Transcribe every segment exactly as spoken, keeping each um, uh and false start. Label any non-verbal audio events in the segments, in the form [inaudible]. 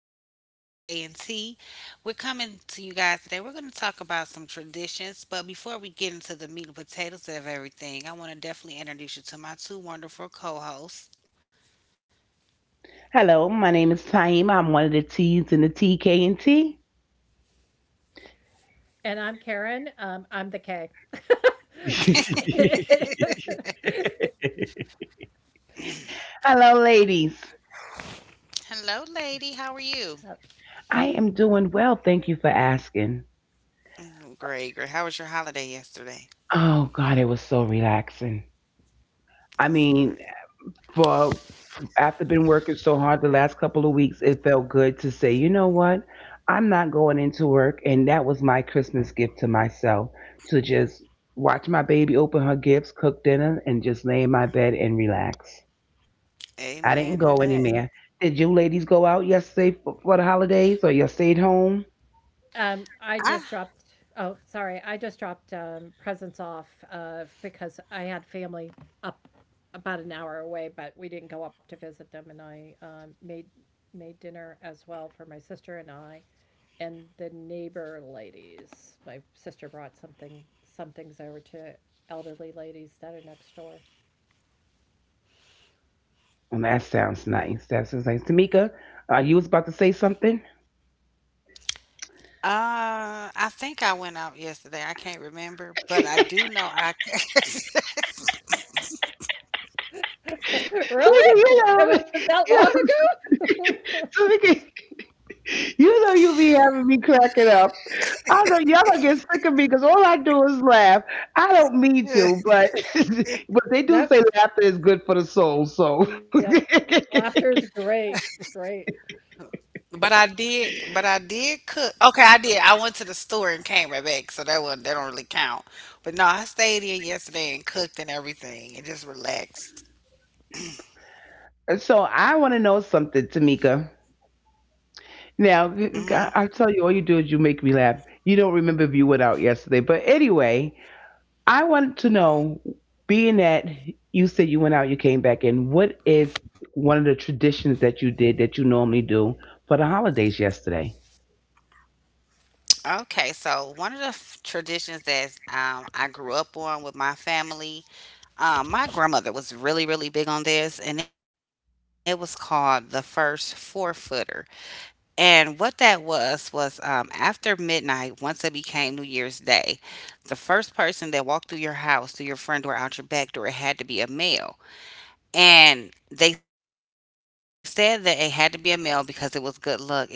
Child with T K and T. We're coming to you guys today. We're going to talk about some traditions, but before we get into the meat and potatoes of everything, I want to definitely introduce you to my two wonderful co-hosts. Hello, my name is Taima. I'm one of the T's in the T K N T. And I'm Karen. Um, I'm the K. [laughs] Hello, ladies. Hello, lady. How are you? [laughs] I am doing well. Thank you for asking. Mm, great, great. How was your holiday yesterday? Oh, God, it was so relaxing. I That's mean, great. for after been working so hard the last couple of weeks, it felt good to say, you know what? I'm not going into work, and that was my Christmas gift to myself to just watch my baby open her gifts, cook dinner, and just lay in my bed and relax. I Amen didn't to go that. anywhere. Did you ladies go out yesterday for, for the holidays or you stayed home? um, I I just dropped. Oh, sorry. I just dropped um, presents off uh, because I had family up about an hour away, but we didn't go up to visit them. And I um, made made dinner as well for my sister and I and the neighbor ladies. My sister brought something some things over to elderly ladies that are next door. Well, that sounds nice. That sounds nice. Tamika, uh, you was about to say something? uh I think I went out yesterday. I can't remember, but I do know I [laughs] [laughs] [laughs] Tamika, Really? yeah. It was that long [laughs] Yeah. ago? [laughs] [laughs] Tamika. You know you be having me cracking up. I know y'all gonna get sick of me because all I do is laugh. I don't mean to, but [laughs] but they do say Nope. laughter is good for the soul. So Yep. Laughter great, great. But I did, but I did cook. Okay, I did. I went to the store and came right back, so that one that don't really count. But no, I stayed in yesterday and cooked and everything, and just relaxed. [laughs] so I want to know something, Tamika. Hmm. Now I I tell you, all you do is you make me laugh. You don't remember if you went out yesterday, but anyway, I want to know, being that you said you went out, you came back in, what is one of the traditions that you did that you normally do for the holidays yesterday? Okay, so one of the f- traditions that um, I grew up on with my family, um, my grandmother was really, really big on this, and it was called the first four footer. And what that was was um, after midnight, once it became New Year's Day, the first person that walked through your house, through your front door, out your back door, it had to be a male. And they said that it had to be a male because it was good luck. It could not be a woman.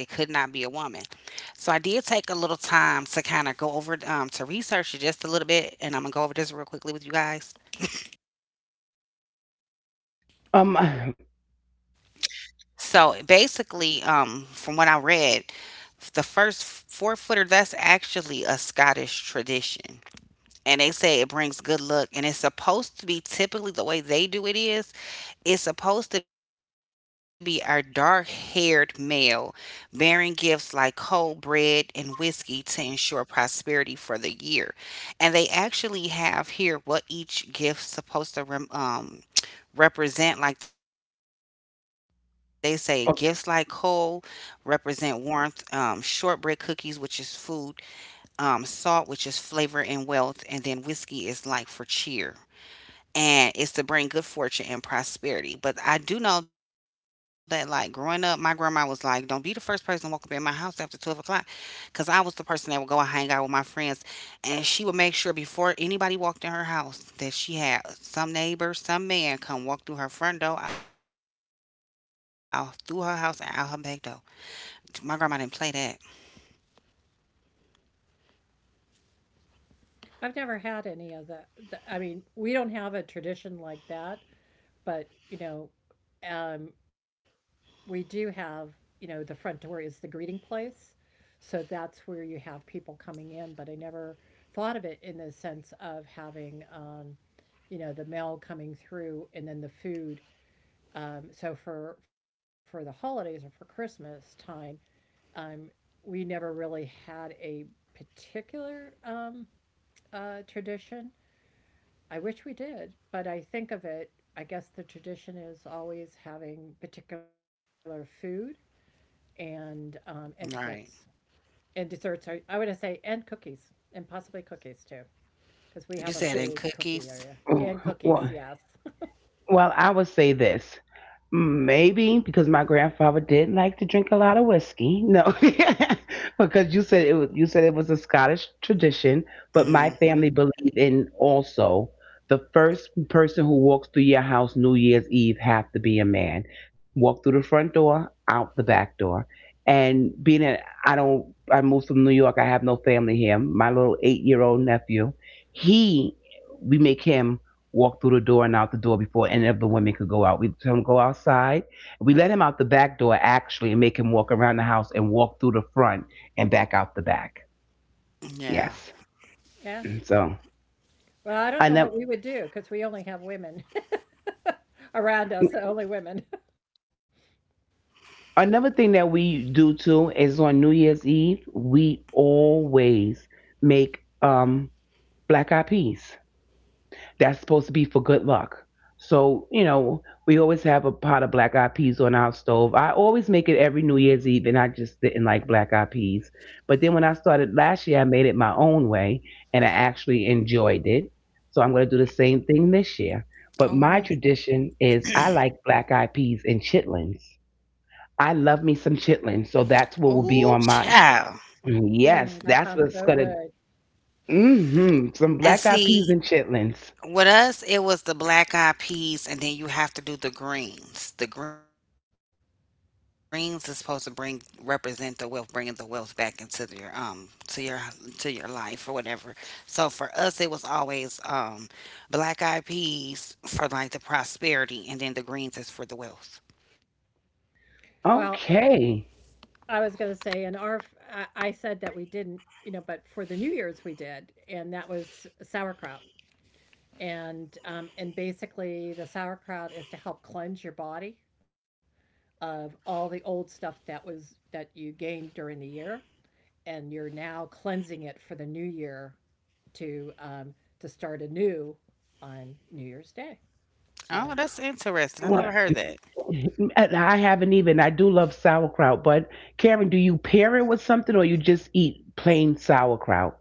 So I did take a little time to kind of go over um, to research it just a little bit, and I'm gonna go over this real quickly with you guys. Um, So basically, um, from what I read, f- the first four footer that's actually a Scottish tradition, and they say it brings good luck, and it's supposed to be typically the way they do it is it's supposed to be a dark haired male bearing gifts like coal, bread, and whiskey to ensure prosperity for the year. And they actually have here what each gift's supposed to rem- um, represent, like they say, gifts like coal [laughs] oh, represent warmth, um, shortbread cookies, which is food, um, salt, which is flavor and wealth, and then whiskey is like for cheer and it's to bring good fortune and prosperity. But I do know that, like growing up, my grandma was like, "Don't be the first person to walk up in my house after twelve o'clock," because I was the person that would go and hang out with my friends, and she would make sure before anybody walked in her house that she had some neighbor, some man come walk through her front door, out through her house, and out her back door. My grandma didn't play that. I've never had any of that. th- I mean, we don't have a tradition like that, but you know, um, we do have, you know, the front door is the greeting place. So that's where you have people coming in, but I never thought of it in the sense of having, um, you know, the mail coming through and then the food. Um, so for for the holidays or for Christmas time, um, we never really had a particular um, uh, tradition. I wish we did, but I think of it. I guess the tradition is always having particular food and um, and Right. desserts. And desserts are I would say and cookies and possibly cookies too, because we have You a said in big cookie cookies. area oh, and cookies. well, Yes. Well, I would say this. Maybe because my grandfather did like to drink a lot of whiskey. No, [laughs] because you said it was you said it was a Scottish tradition, but my family Hmm. believed in also the first person who walks through your house New Year's Eve have to be a man. Walk through the front door, out the back door. And being that I don't I moved from New York, I have no family here. My little eight-year-old old nephew, he we make him walk through the door and out the door before any of the women could go out. We let him go outside. We let him out the back door actually and make him walk around the house and walk through the front and back out the back. Yeah. Yes. Yeah. So Well, I don't know what another we would do because we only have women [laughs] around us, only women. [laughs] another thing that we do too is on New Year's Eve we always make um black eyed peas. That's supposed to be for good luck. So, you know, we always have a pot of black eyed peas on our stove. I always make it every New Year's Eve, and I just didn't like black eyed peas. But then when I started last year, I made it my own way, and I actually enjoyed it. So I'm going to do the same thing this year. But my Oh, tradition is I like black eyed peas and chitlins. I love me oh, some chitlins, so child. that's what will Mm, be on my. Mm, mm, yes, that that's sounds what's so gonna. good. Mm-hmm, some And black eyed see, peas and chitlins. with us, it was the black eyed peas, and then you have to do the greens. The greens is supposed to bring represent the wealth, bringing the wealth back into your um to your to your life or whatever. So for us, it was always um black eyed peas for like the prosperity, and then the greens is for the wealth. Well, Okay. I was gonna say in our f I I said that we didn't, you know, but for the New Year's we did, and that was sauerkraut. And um, and basically the sauerkraut is to help cleanse your body of all the old stuff that was that you gained during the year, and you're now cleansing it for the new year to um, to start anew on New Year's Day. Oh, So that's interesting. I never Well, heard that. [laughs] and I haven't even. I do love sauerkraut, but Karen, do you pair it with something or you just eat plain sauerkraut?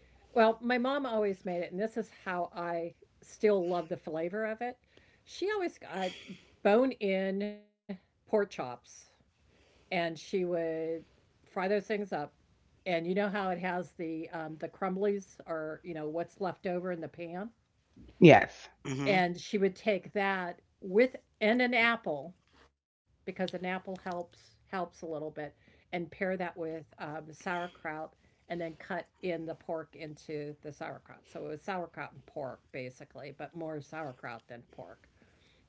well, my mom always made it, and this is how I still love the flavor of it. She always got bone in pork chops, and she would fry those things up. And you know how it has the um, the crumblies, or you know what's left over in the pan, Yes, Mm-hmm. and she would take that with and an apple, because an apple helps helps a little bit, and pair that with um, sauerkraut, and then cut in the pork into the sauerkraut. So it was sauerkraut and pork basically, but more sauerkraut than pork.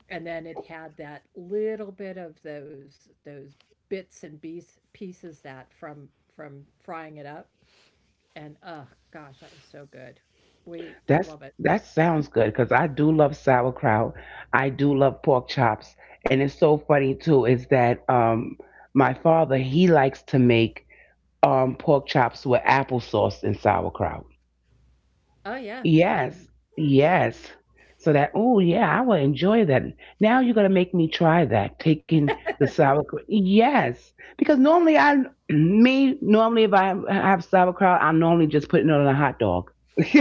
And then it had that little bit of those those bits and piece, pieces that from from frying it up. And oh gosh, that was so good. We love that's it. that sounds good because I do love sauerkraut. I do love pork chops, and it's so funny too is that um my father he likes to make um pork chops with applesauce and sauerkraut. Oh yeah. Yes, yes. So that, oh yeah, I will enjoy that. Now you're gonna make me try that, taking the sauerkraut. Yes, because normally I, [clears throat] me normally if I have sauerkraut, I'm normally just putting it on a hot dog. [laughs]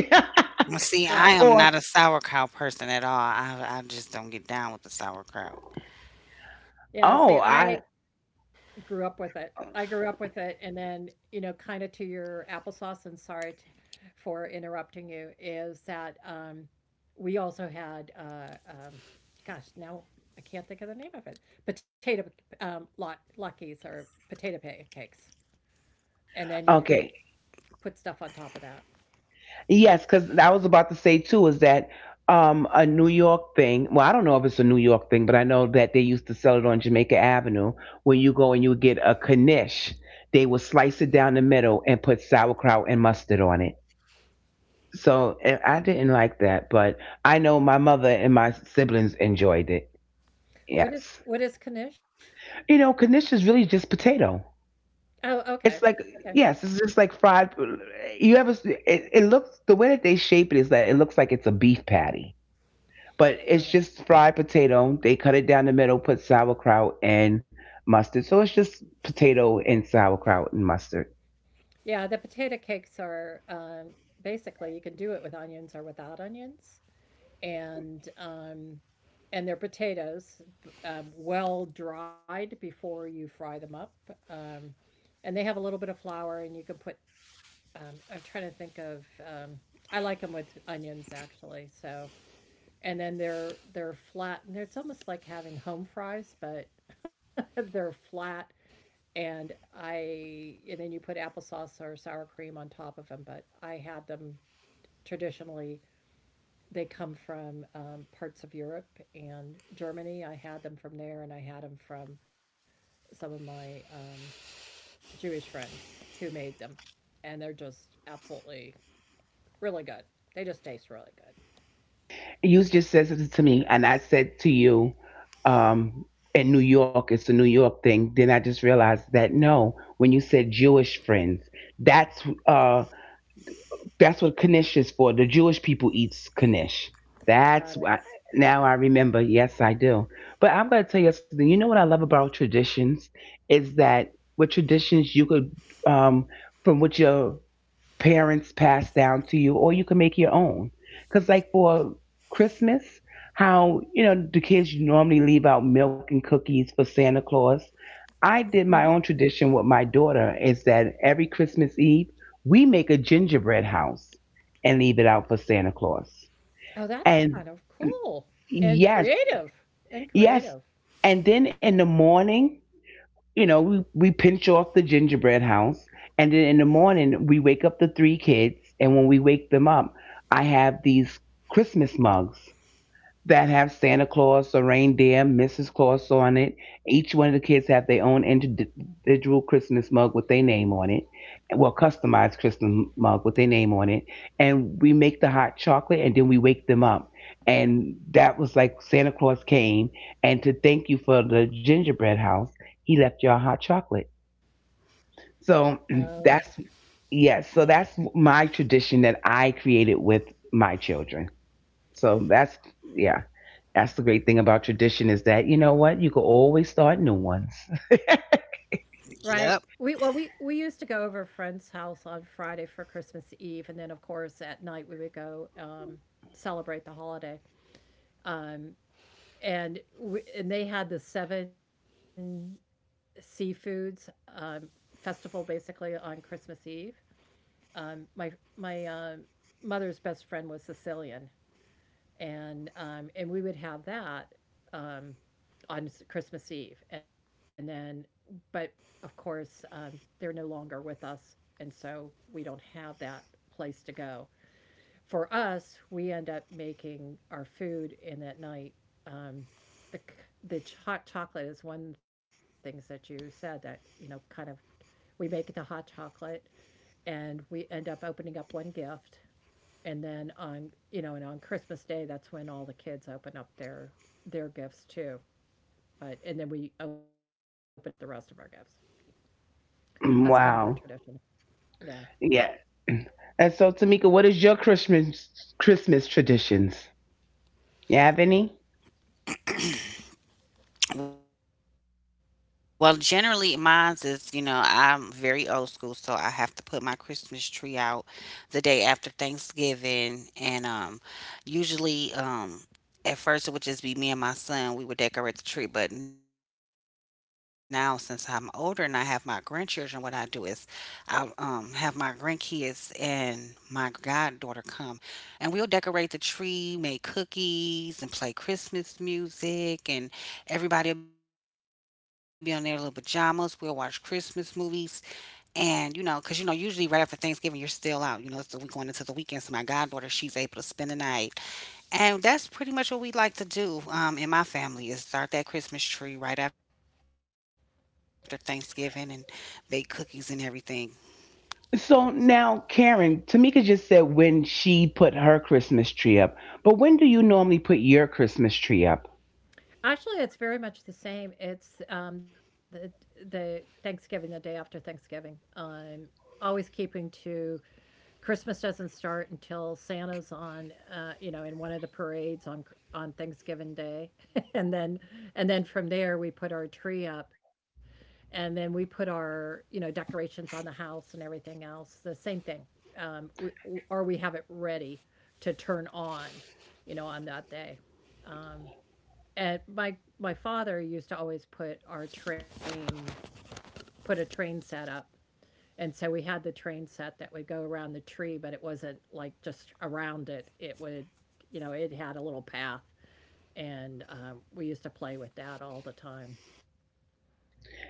Well, see, Right. I am Or not a sauerkraut person at all. I I just don't get down with the sauerkraut. Yeah, see oh, I I grew up with it. I grew up with it, and then you know, kind of to your applesauce. And sorry t for interrupting you. Is that um, we also had, uh, um, gosh, now I can't think of the name of it. Potato um, lot luckies, or potato pa- cakes, and then you put okay. put stuff on top of that. Yes, because I was about to say too is that um, a New York thing. Well, I don't know if it's a New York thing, but I know that they used to sell it on Jamaica Avenue. When you go and you get a knish, they would slice it down the middle and put sauerkraut and mustard on it. So and I didn't like that, but I know my mother and my siblings enjoyed it. What is Yes, what is knish? you know, knish is really just potato. Oh, okay, It's like okay, yes, it's just like fried. You ever? It, it looks the way that they shape it is that it looks like it's a beef patty, but got it's it. just fried potato. They cut it down the middle, put sauerkraut and mustard. So it's just potato and sauerkraut and mustard. Yeah, the potato cakes are um, basically you can do it with onions or without onions, and um, and they're potatoes, um, well dried before you fry them up. Um, and they have a little bit of flour, and you can put. Um, I'm trying to think of. Um, I like them with onions actually. So, and then they're they're flat, and it's almost like having home fries, but [laughs] they're flat. And I and then you put applesauce or sour cream on top of them. But I had them traditionally, they come from um, parts of Europe and Germany. I had them from there, and I had them from some of my um, Jewish friends who made them, and they're just absolutely really good. They just taste really good. You just said it to me, and I said to you, um, in New York, it's a New York thing. Then I just realized that no, when you said Jewish friends, that's uh, that's what knish is for. The Jewish people eats knish. That's Got it. why. Now I remember. Yes, I do. But I'm gonna tell you something. You know what I love about traditions is that with traditions you could um, from what your parents pass down to you, or you can make your own. Because, like for Christmas, how you know the kids normally leave out milk and cookies for Santa Claus. I Hmm. did my own tradition with my daughter is that every Christmas Eve we make a gingerbread house and leave it out for Santa Claus. Oh, that's And kind of cool and yes, creative and creative. yes. And then in the morning, you know, we, we pinch off the gingerbread house. And then in the morning, we wake up the three kids. And when we wake them up, I have these Christmas mugs that have Santa Claus or reindeer, Missus Claus on it. Each one of the kids have their own individual Christmas mug with their name on it. Well, customized Christmas mug with their name on it. And we make the hot chocolate and then we wake them up. And that was like Santa Claus came and to thank you for the gingerbread house, he left y'all hot chocolate. So Oh, [clears throat] that's, yes, so that's my tradition that I created with my children. So that's, yeah. That's the great thing about tradition is that, you know what? You can always start new ones. [laughs] Yep. right. We well we we used to go over a friend's house on Friday for Christmas Eve, and then of course at night we would go um, celebrate the holiday. Um, and we, and they had the seven seafoods um, festival basically on Christmas Eve. Um, my my um mother's best friend was Sicilian, and um, and we would have that um, on Christmas Eve, and then but of course um, they're no longer with us, and so we don't have that place to go. For us, we end up making our food in that night. Um, the the hot chocolate is one of the things that you said that you know, kind of we make the hot chocolate and we end up opening up one gift, and then on, you know, and on Christmas Day, that's when all the kids open up their their gifts too. But and then we open up the rest of our gifts. That's kind of our tradition. Wow. Yeah. Yeah. And so, Tamika, what is your Christmas Christmas traditions? You have any? Well, generally, mine's is, you know, I'm very old school, so I have to put my Christmas tree out the day after Thanksgiving. And um, Usually, um, at first, it would just be me and my son. We would decorate the tree, but now since I'm older and I have my grandchildren, what I do is I'll um, have my grandkids and my goddaughter come, and we'll decorate the tree, make cookies, and play Christmas music, and everybody'll be on their little pajamas. We'll watch Christmas movies, and you know, cause you know, usually right after Thanksgiving, you're still out. You know, it's the week going into the weekend. So my goddaughter, she's able to spend the night and that's pretty much what we like to do um, in my family is start that Christmas tree right after Thanksgiving and bake cookies and everything. So now, Karen, Tamika just said when she put her Christmas tree up, but when do you normally put your Christmas tree up? Actually, it's very much the same. It's um, the the Thanksgiving, the day after Thanksgiving. Um, always keeping to Christmas doesn't start until Santa's on, uh, you know, in one of the parades on on Thanksgiving Day, [laughs] and then and then from there we put our tree up, and then we put our, you know, decorations on the house and everything else. The same thing, um, we, or we have it ready to turn on, you know, on that day. Um, and my my father used to always put our train, put a train set up. And so we had the train set that would go around the tree, but it wasn't like just around it. It would, you know, it had a little path. And um, we used to play with that all the time.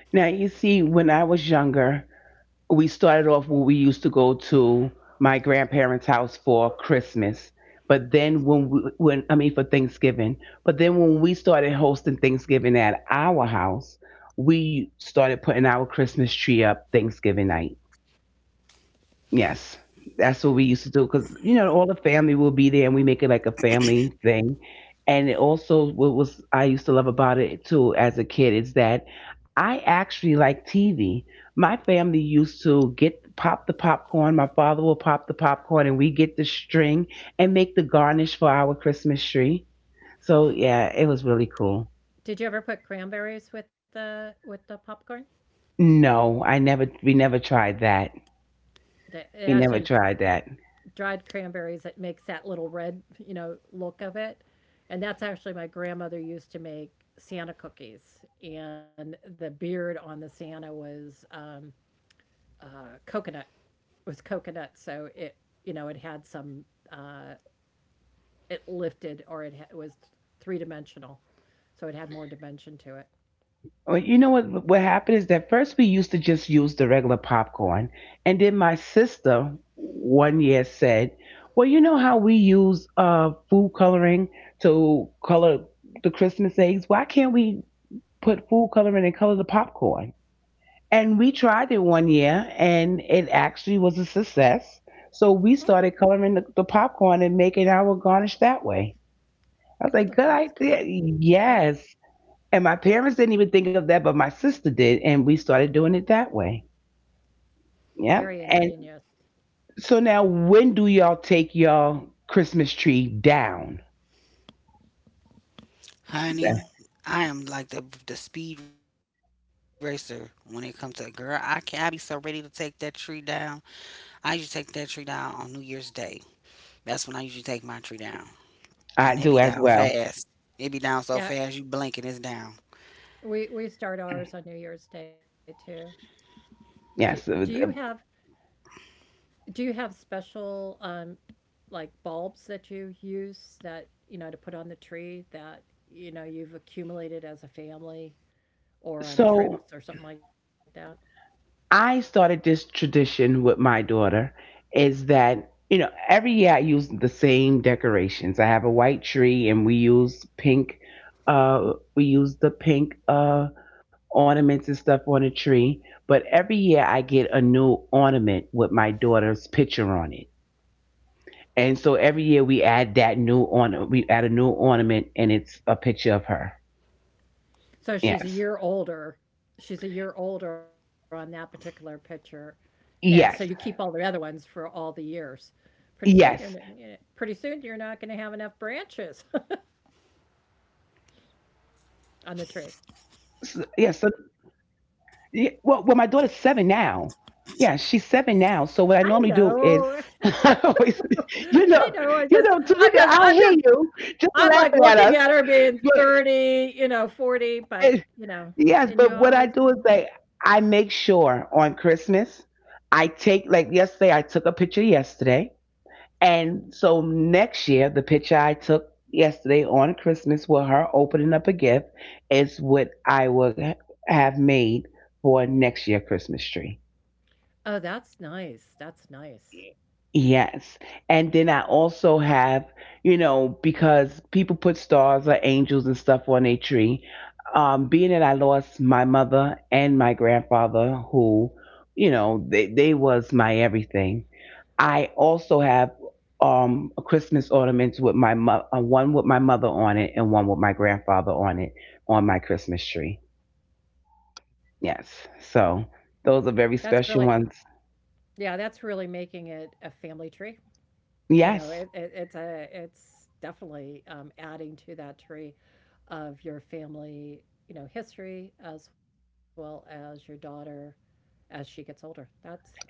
Now, you see, when I was younger, we started off where we used to go to my grandparents' house for Christmas. But then when we, when I mean for Thanksgiving, but then when we started hosting Thanksgiving at our house, we started putting our Christmas tree up Thanksgiving night. Yes. That's what we used to do because, you know, all the family will be there and we make it like a family thing. And it also, what was I used to love about it too as a kid is that I actually like T V. My family used to get pop the popcorn. My father will pop the popcorn and we get the string and make the garnish for our Christmas tree. So yeah, it was really cool. Did you ever put cranberries with the with the popcorn? No, I never, we never tried that. That it We never actually tried that. dried cranberries that makes that little red, you know, look of it. And that's actually my grandmother used to make Santa cookies, and the beard on the Santa was um, uh, coconut. It was coconut, so it, you know, it had some uh, it lifted, or it, ha- it was three dimensional, so it had more dimension to it. Well, you know what what happened is that first we used to just use the regular popcorn, and then my sister one year said, "Well, you know how we use uh food coloring to color the Christmas eggs. Why can't we put food coloring and color the popcorn?" And we tried it one year, and it actually was a success. So we Oh, started coloring the, the popcorn and making our garnish that way. I was oh, like, "Good that's cool. idea." That Yes, and my parents didn't even think of that, but my sister did, and we started doing it that way. very Yep. And ingenious. so now, when do y'all take y'all Christmas tree down? Honey, I am like the the speed racer when it comes to girl. I can I be so ready to take that tree down. I usually take that tree down on New Year's Day. That's when I usually take my tree down, and it I be do down as well. fast. It be down Yeah, so fast you blink and it's down. we we start ours on New Year's Day too. Do do Yes. you have Do you have special um like bulbs that you use that, you know, to put on the tree that, you know, you've accumulated as a family or on So trips or something like that? I started this tradition with my daughter is that, you know, every year I use the same decorations. I have a white tree and we use pink, uh, we use the pink, uh, ornaments and stuff on the tree. But every year I get a new ornament with my daughter's picture on it. And so every year we add that new ornament, we add a new ornament and it's a picture of her. So she's a Yes. year older. She's a year older on that particular picture. And so you keep all Yes. the other ones for all the years. Pretty soon you're Yes. n- pretty soon you're not going to have enough branches S- Yes. So [laughs] on the tree. yeah, well, well, my daughter's seven now. Yeah, she's seven now. So what I normally do is, [laughs] I I always, know. [laughs] you know, you know, I Tamika, I know. I just hear I'm you. just I'm Just for just laughing at us. I'm like looking at Yeah, her being thirty, you know, eh, forty, but you know, yes, but what and I you do is always, like I make sure on Christmas I take like yesterday I took a picture yesterday and so next year, the picture I took yesterday on Christmas with her opening up a gift is what I would have made for next year Christmas tree. oh, that's nice. That's nice. Yes. And then I also have, you know, because people put stars or angels and stuff on their tree. Um, being that I lost my mother and my grandfather, who, you know, they, they was my everything. I also have um a Christmas ornaments with my mo- uh, one with my mother on it and one with my grandfather on it on my Christmas tree. Yes. So those are That's very really, special ones. yeah, that's really making it a family tree. You know, Yes. it, it, it's a, it's definitely um, adding to that tree of your family, you know, history as well as your daughter as she gets older. That's,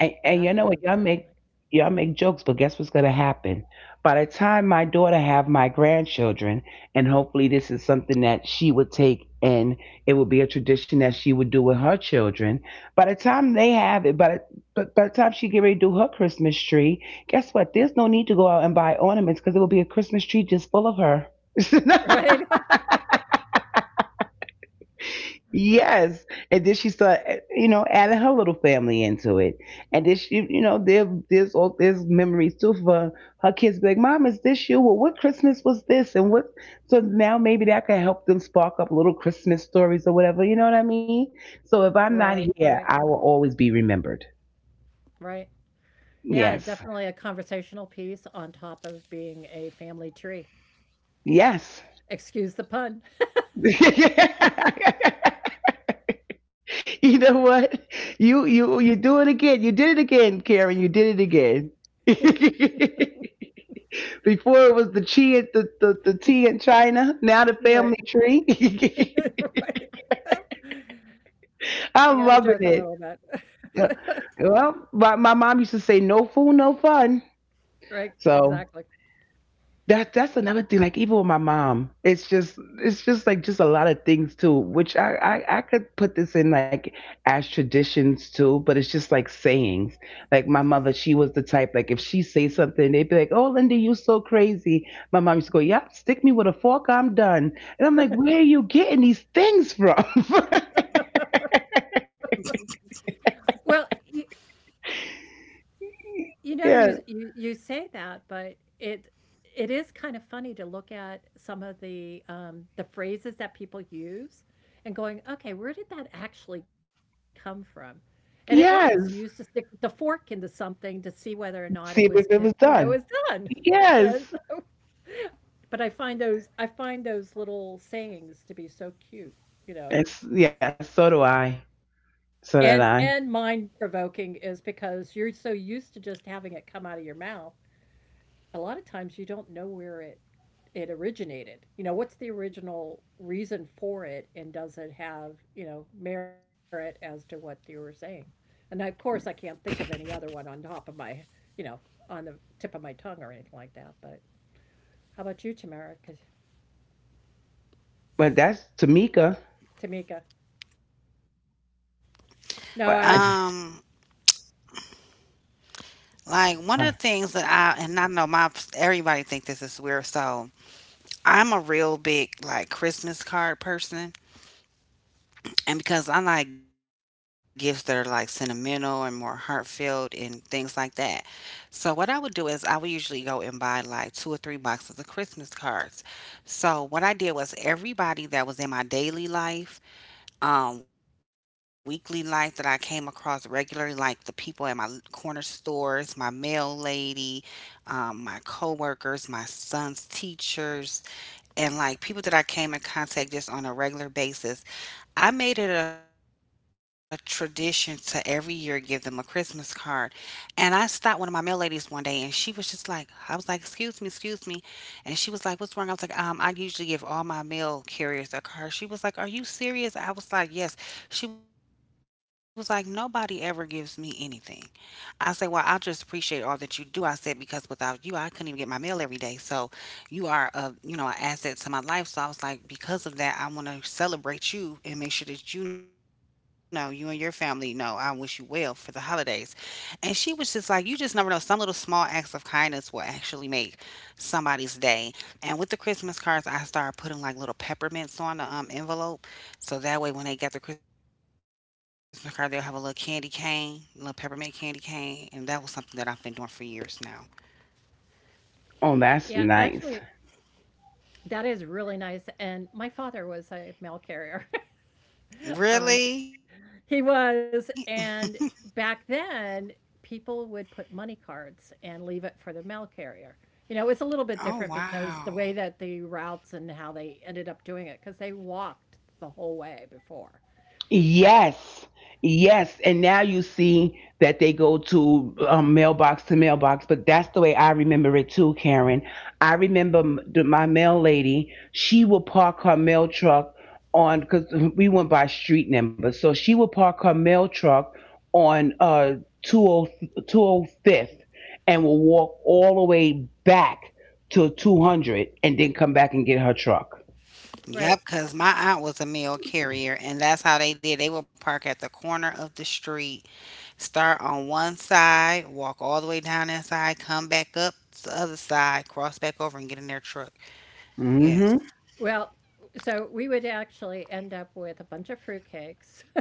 And, and is, you know what? Y'all make y'all make jokes, but guess what's gonna happen? By the time my daughter have my grandchildren, and hopefully this is something that she would take and it would be a tradition that she would do with her children. By the time they have it, by the, But by the time she get ready to do her Christmas tree, guess what? There's no need to go out and buy ornaments because it will be a Christmas tree just full of her. [laughs] [laughs] right? [laughs] Yes. And then she started, you know, adding her little family into it. And then she, you know, there, there's all there's memories too for her kids. Be like, "Mom, is this you? Well, what Christmas was this? And what?" So now maybe that can help them spark up little Christmas stories or whatever. You know what I mean? So if Right, I'm not right, here, I will always be remembered. right. Yeah, and Yes. definitely a conversational piece on top of being a family tree. Yes. Excuse the pun. [laughs] You know what? You you you do it again. You did it again, Karen. You did it again. [laughs] Before it was the chi at the, the, the tea in China, now the family Right. [laughs] tree. [laughs] Right. Well, you gotta joke a I'm little loving it. bit. [laughs] Yeah. Well, my, my mom used to say, no fool, no fun. Right, So exactly. That that's another thing. Like even with my mom, it's just it's just like just a lot of things too. Which I I, I could put this in like as traditions too, but it's just like sayings. Like my mother, she was the type like if she say something, they'd be like, "Oh, Linda, you so crazy." My mom used to go, "Yep, stick me with a fork, I'm done." And I'm like, "Where are you getting these things from?" [laughs] Well, you You know, you Yes, you you say that, but it it is kind of funny to look at some of the um, the phrases that people use, and going, okay, where did that actually come from? And it was you used to stick yes. the fork into something to see whether or not it was, See if co- it you was know, it was done. done. [laughs] And Yes. so, but I find those I find those little sayings to be so cute, you know. It's yes. So do I. And So and did I. mind provoking is because you're so used to just having it come out of your mouth. A lot of times you don't know where it it originated. You know, what's the original reason for it, and does it have, you know, merit as to what you were saying? And I, of course, I can't think of any other one on top of my, you know, on the tip of my tongue or anything like that. But how about you, Tamara? 'Cause But that's Tamika. Tamika, no, I Um, was, But I just, like one of the things that I uh, and I know my everybody think this is weird, so I'm a real big like Christmas card person. And because I like gifts that are like sentimental and more heartfelt and things like that. So what I would do is I would usually go and buy like two or three boxes of Christmas cards. So what I did was everybody that was in my daily life, um, weekly life that I came across regularly, like the people at my corner stores, my mail lady, um, my co-workers, my son's teachers, and like people that I came in contact just on a regular basis, I made it a tradition to every year give them a Christmas card. And I stopped one of my mail ladies one day and she was just like, I was like, excuse me, excuse me. And she was like, what's wrong? I was like, um, I usually give all my mail carriers a card. She was like, are you serious? I was like, yes. She was like, nobody ever gives me anything. I say, well, I just appreciate all that you do. I said, because without you, I couldn't even get my mail every day. So you are a, you know, an asset to my life. So I was like, because of that, I want to celebrate you and make sure that you know, you and your family know, I wish you well for the holidays. And she was just like, you just never know. Some little small acts of kindness will actually make somebody's day. And with the Christmas cards, I started putting like little peppermints on the um, envelope. So that way, when they got their Christmas card, they'll have a little candy cane, a little peppermint candy cane, and that was something that I've been doing for years now. yeah, oh, that's actually. nice. That is really nice. And my father was a mail carrier. [laughs] Um, Really? He was. And back then, people would put money cards and leave it for the mail carrier. You know, it's a little bit different Oh, because the way wow. that the routes and how they ended up doing it, because they walked the whole way before. Yes, yes. And now you see that they go to um, mailbox to mailbox, but that's the way I remember it too, Karen. I remember m- the- my mail lady, she would park her mail truck on, because we went by street number. So she would park her mail truck on uh, two o two oh fifth and will walk all the way back to two hundred and then come back and get her truck. Right. Yep, because my aunt was a mail carrier, and that's how they did. They would park at the corner of the street, start on one side, walk all the way down that side, come back up to the other side, cross back over, and get in their truck. Yes. Hmm. Well, so we would actually end up with a bunch of fruitcakes. [laughs]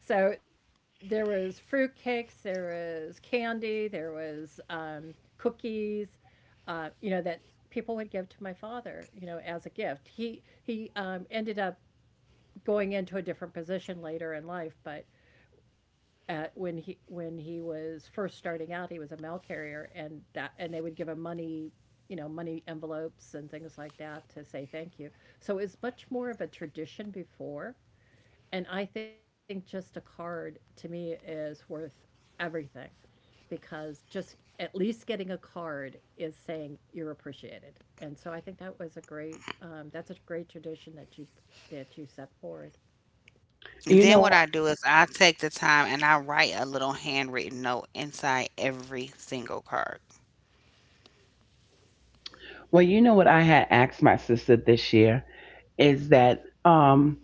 So there was fruitcakes, there was candy, there was um, cookies, uh, you know, that people would give to my father, you know, as a gift. He he um, ended up going into a different position later in life, but at when he when he was first starting out, he was a mail carrier, and that and they would give him money, you know, money envelopes and things like that to say thank you. So it was much more of a tradition before, and I think just a card to me is worth everything because just at least getting a card is saying you're appreciated, and so I think that was a great um, that's a great tradition that you that you set forward. And then what I You know, do is I take the time and I write a little handwritten note inside every single card. well, you know what I had asked my sister this year is that um,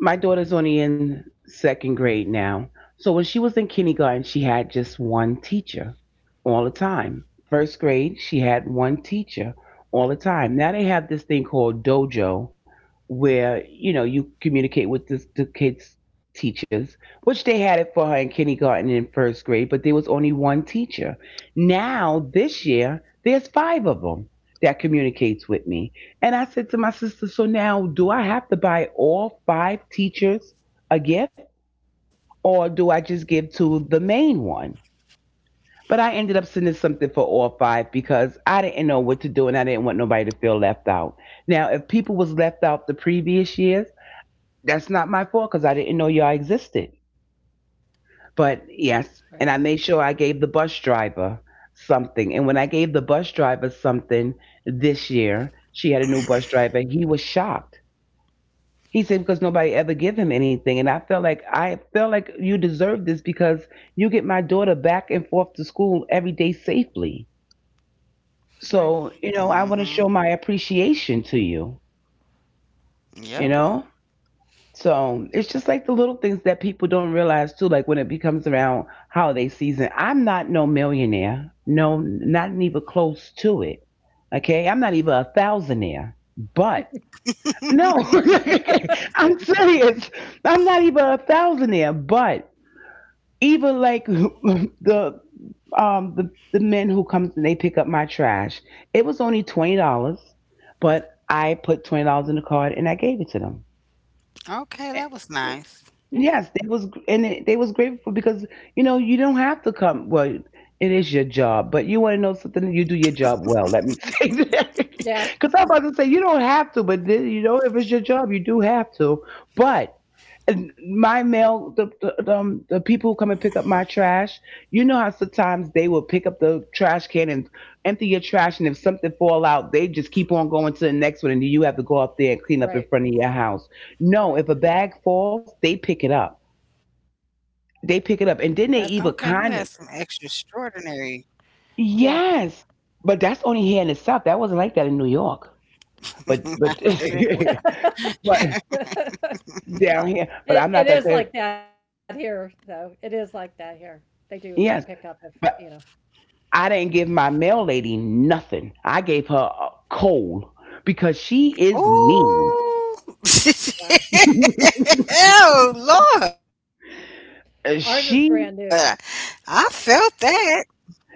my daughter's only in second grade now. So when she was in kindergarten, she had just one teacher all the time. First grade, she had one teacher all the time. Now they have this thing called dojo where, you know, you communicate with the, the kids' teachers, which they had it for her in kindergarten and in first grade, but there was only one teacher. Now, this year, there's five of them that communicates with me. And I said to my sister, so now do I have to buy all five teachers a gift or do I just give to the main one? But I ended up sending something for all five because I didn't know what to do and I didn't want nobody to feel left out. Now, if people was left out the previous years, that's not my fault because I didn't know y'all existed. But Right. yes, and I made sure I gave the bus driver something. And when I gave the bus driver something this year, she had a new bus driver. He was shocked. He said because nobody ever give him anything, and I felt like I felt like you deserve this because you get my daughter back and forth to school every day safely. All right. So Mm-hmm. you know I want to show my appreciation to you. Yep. You know, so it's just like the little things that people don't realize too. Like when it becomes around holiday season, I'm not no millionaire, no, not even close to it. Okay, I'm not even a thousandaire, but no, [laughs] I'm serious. I'm not even a thousandaire, but even like [laughs] the um the the men who comes and they pick up my trash, it was only twenty dollars, but I put twenty dollars in the card and I gave it to them. Okay, that was nice. Yeah. Yes, they was and it, they was grateful because you know you don't have to come. Well, it is your job, but you want to know something. You do your job well. Let me [laughs] say that Yeah. because I'm about to say you don't have to, but then, you know if it's your job, you do have to. But and my mail, the, the um the people who come and pick up my trash, you know how sometimes they will pick up the trash can and empty your trash, and if something fall out, they just keep on going to the next one, and you have to go up there and clean up Right. in front of your house. No, Right. if a bag falls, they pick it up. Okay, you They had pick some it That's up, and extra then they even kind of extraordinary. yeah. yes, but that's only here in the South. That wasn't like that in New York, but [laughs] I but didn't. [laughs] [laughs] but down here. But It I'm not it gonna is tell. like that here, though. It is like that here. They do pick Yes, up if, you know. I didn't give my mail lady nothing. I gave her a coal because she is mean. Ooh. [laughs] Wow. Oh, Lord. I Ours is felt Uh, brand that. new. She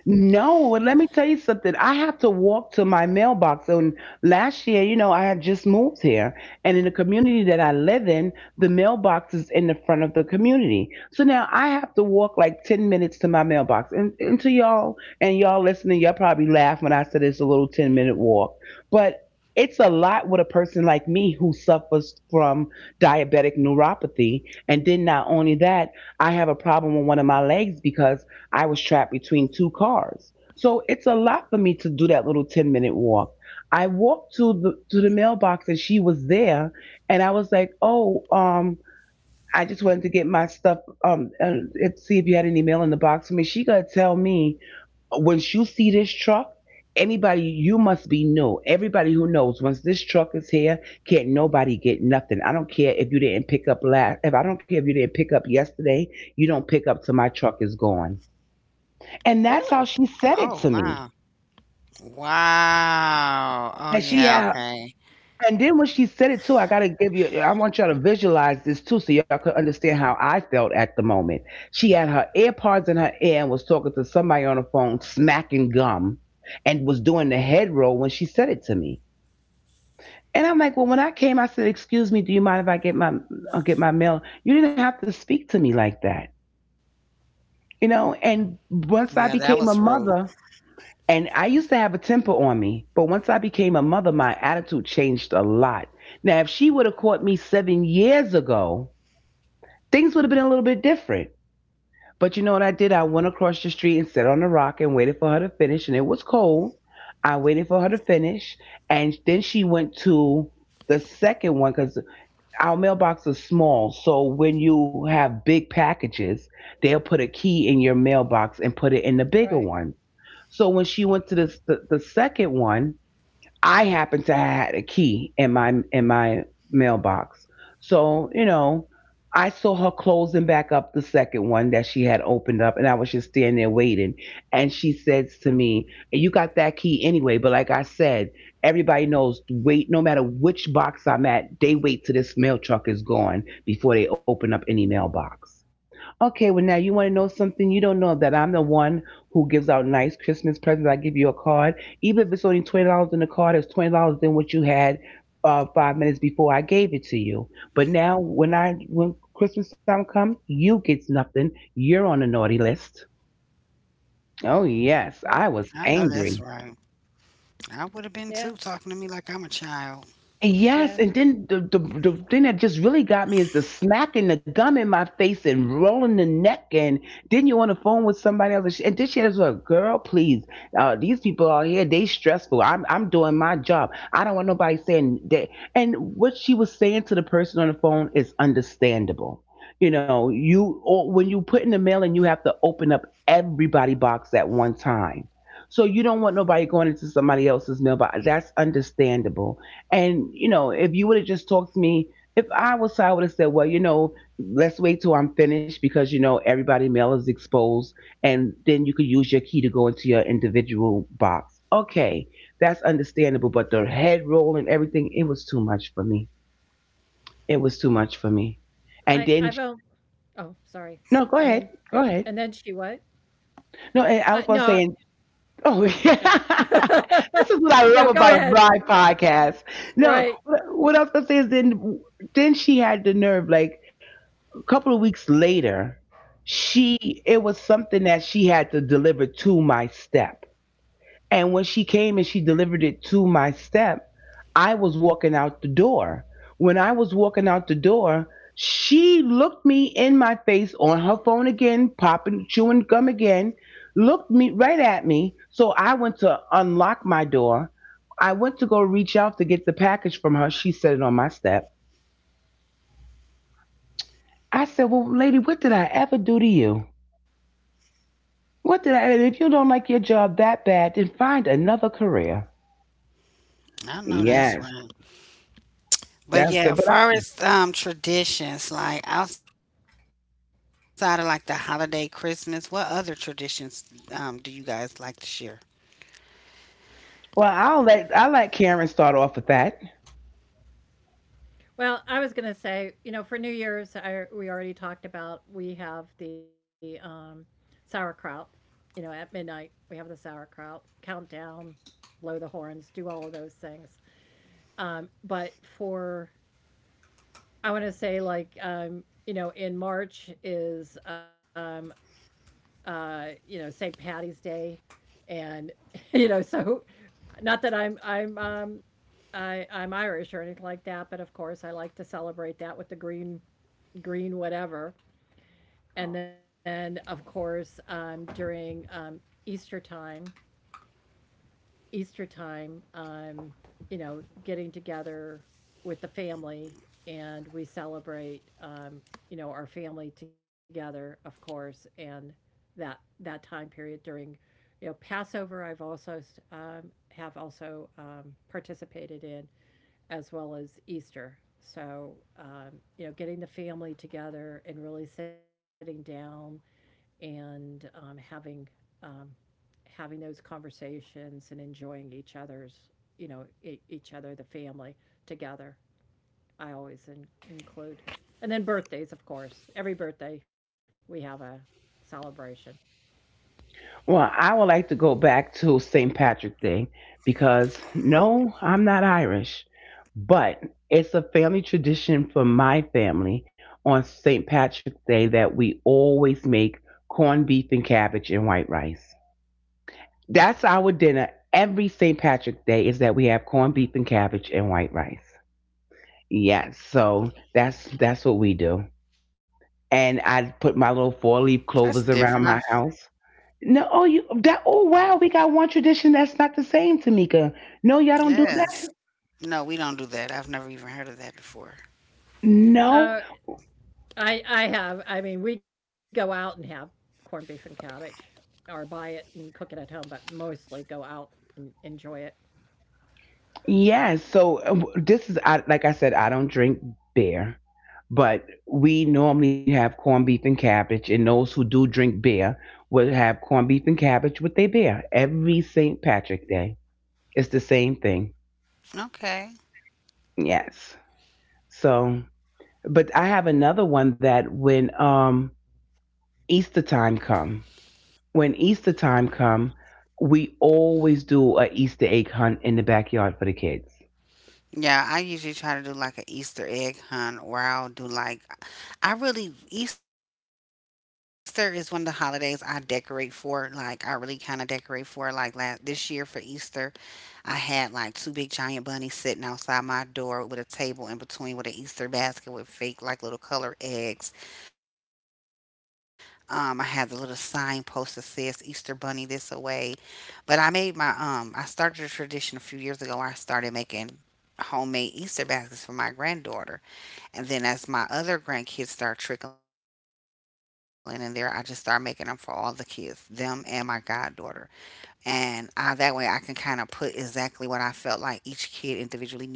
No, and let me tell you something. I have to walk to my mailbox. And last year, you know, I had just moved here. And in the community that I live in, the mailbox is in the front of the community. So now I have to walk like ten minutes to my mailbox. And, and to y'all, and y'all listening, y'all probably laugh when I said it's a little ten minute walk. But it's a lot with a person like me who suffers from diabetic neuropathy. And then not only that, I have a problem with one of my legs because I was trapped between two cars. So it's a lot for me to do that little ten minute walk. I walked to the to the mailbox and she was there and I was like, "Oh, um, I just wanted to get my stuff um and see if you had any mail in the box for me." She going to tell me, once you see this truck, anybody you must be new. Everybody who knows once this truck is here, can't nobody get nothing. I don't care if you didn't pick up last if I don't care if you didn't pick up yesterday, you don't pick up till my truck is gone." Really? And that's how Oh, she said wow. it to me. Wow. Oh, And she yeah, had, okay. and then when she said it too, I gotta give you, I want y'all to visualize this too, so y'all could understand how I felt at the moment. She had her AirPods in her ear and was talking to somebody on the phone, smacking gum, and was doing the head roll when she said it to me. And I'm like, well, when I came, I said, "Excuse me, do you mind if I get my I'll get my mail?" You didn't have to speak to me like that, you know. Yeah, And that was once I rude. became a mother, and I used to have a temper on me, but once I became a mother, my attitude changed a lot. Now, if she would have caught me seven years ago, things would have been a little bit different. But you know what I did? I went across the street and sat on the rock and waited for her to finish, and it was cold. I waited for her to finish, and then she went to the second one because our mailbox is small. So when you have big packages, they'll put a key in your mailbox and put it in the Right. bigger one. So when she went to this the, the second one, I happened to have had a key in my in my mailbox. So, you know, I saw her closing back up the second one that she had opened up and I was just standing there waiting. And she says to me, you got that key anyway, but like I said, everybody knows to wait no matter which box I'm at, they wait till this mail truck is gone before they open up any mailbox. Okay, well now you want to know something you don't know that I'm the one who gives out nice Christmas presents. I give you a card, even if it's only twenty dollars in the card. It's twenty dollars than what you had uh, five minutes before I gave it to you. But now when I when Christmas time comes, you get nothing. You're on the naughty list. Oh I Right. know yes, I that's was right. angry. I would have been too Yeah. talking to me like I'm a child. Yes, Yeah. and then the, the the thing that just really got me is the smacking the gum in my face and rolling the neck, and then you're on the phone with somebody else, and, she, and then she has a girl, please, uh, these people out here they stressful. I'm I'm doing my job. I don't want nobody saying that. And what she was saying to the person on the phone is understandable. You know, you or when you put in the mail and you have to open up everybody box at one time. So you don't want nobody going into somebody else's mailbox. That's understandable, and you know, if you would have just talked to me, if I was her, I would have said, well, you know, let's wait till I'm finished because you know everybody mail is exposed, and then you could use your key to go into your individual box. Okay, that's understandable, but the head roll and everything, it was too much for me. It was too much for me. And I then I've on oh, sorry. no, go And ahead, then go and then ahead. she what? No, Uh, and I was No. about to say, oh [laughs] Go. yeah, No, this is what [laughs] I No. love Go about a ahead. bride podcast. No, Right. what, what I was gonna say is then then she had the nerve. Like a couple of weeks later, she it was something that she had to deliver to my step. And when she came and she delivered it to my step, I was walking out the door. When I was walking out the door, she looked me in my face on her phone again, popping, chewing gum again, looked me right at me. So I went to unlock my door. I went to go reach out to get the package from her. She set it on my step. I said, well, lady, what did I ever do to you? What did I, and if you don't like your job that bad, then find another career. I know that's Yes, right. But that's yeah, it. But I, far as um, traditions, like outside of like the holiday Christmas, what other traditions um, do you guys like to share? well, I'll let I let Karen start off with that. Well, I was gonna say, you know, for New Year's, I we already talked about we have the um, sauerkraut. You know, at midnight we have the sauerkraut countdown, blow the horns, do all of those things. Um, but for I want to say like um, you know, in March is um, uh, you know, Saint Patty's Day, and [laughs] you know, so not that I'm I'm um, I I'm Irish or anything like that, but of course I like to celebrate that with the green green whatever. And then of course um, during um, Easter time, Easter time, um, you know, getting together with the family and we celebrate um, you know, our family together, of course, and that that time period during you know Passover. I've also um, Have also um, participated in as well as Easter. So, um, you know, getting the family together and really sitting down and um, having um, having those conversations and enjoying each other's, you know, e- each other, the family together. I always in- include, and then birthdays, of course. Every birthday we have a celebration. Well, I would like to go back to Saint Patrick Day because no, I'm not Irish, but it's a family tradition for my family on Saint Patrick's Day that we always make corned beef and cabbage and white rice. That's our dinner every Saint Patrick's Day is that we have corned beef and cabbage and white rice. Yes, so that's that's what we do. That's And different. I I, put my little four leaf clovers around my house. No, oh, you that. Oh, wow, we got one tradition that's not the same, Tamika. No, y'all don't do Yes. that. No, we don't do that. I've never even heard of that before. No, Oh, I I have. I mean, we go out and have corned beef and cabbage, or buy it and cook it at home, but mostly go out and enjoy it. yes. So uh, w- this is, I, like I said, I don't drink beer, but we normally have corned beef and cabbage, and those who do drink beer will have corned beef and cabbage with their beer every Saint Patrick Day. It's the same thing. Okay. Yes. So, but I have another one that when um Easter time come. when Easter time come, we always do a Easter egg hunt in the backyard for the kids. Yeah, I usually try to do like an Easter egg hunt, or I'll do like I really Easter is one of the holidays I decorate for. Like I really kind of decorate for like last this year for Easter. I had like two big giant bunnies sitting outside my door with a table in between with an Easter basket with fake like little colored eggs. Um, I had the little signpost that says Easter bunny this away. But I made my um I started a tradition a few years ago where I started making homemade Easter baskets for my granddaughter. And then as my other grandkids start trickling in there, I just start making them for all the kids, them and my goddaughter and I, that way I can kind of put exactly what I felt like each kid individually needed, and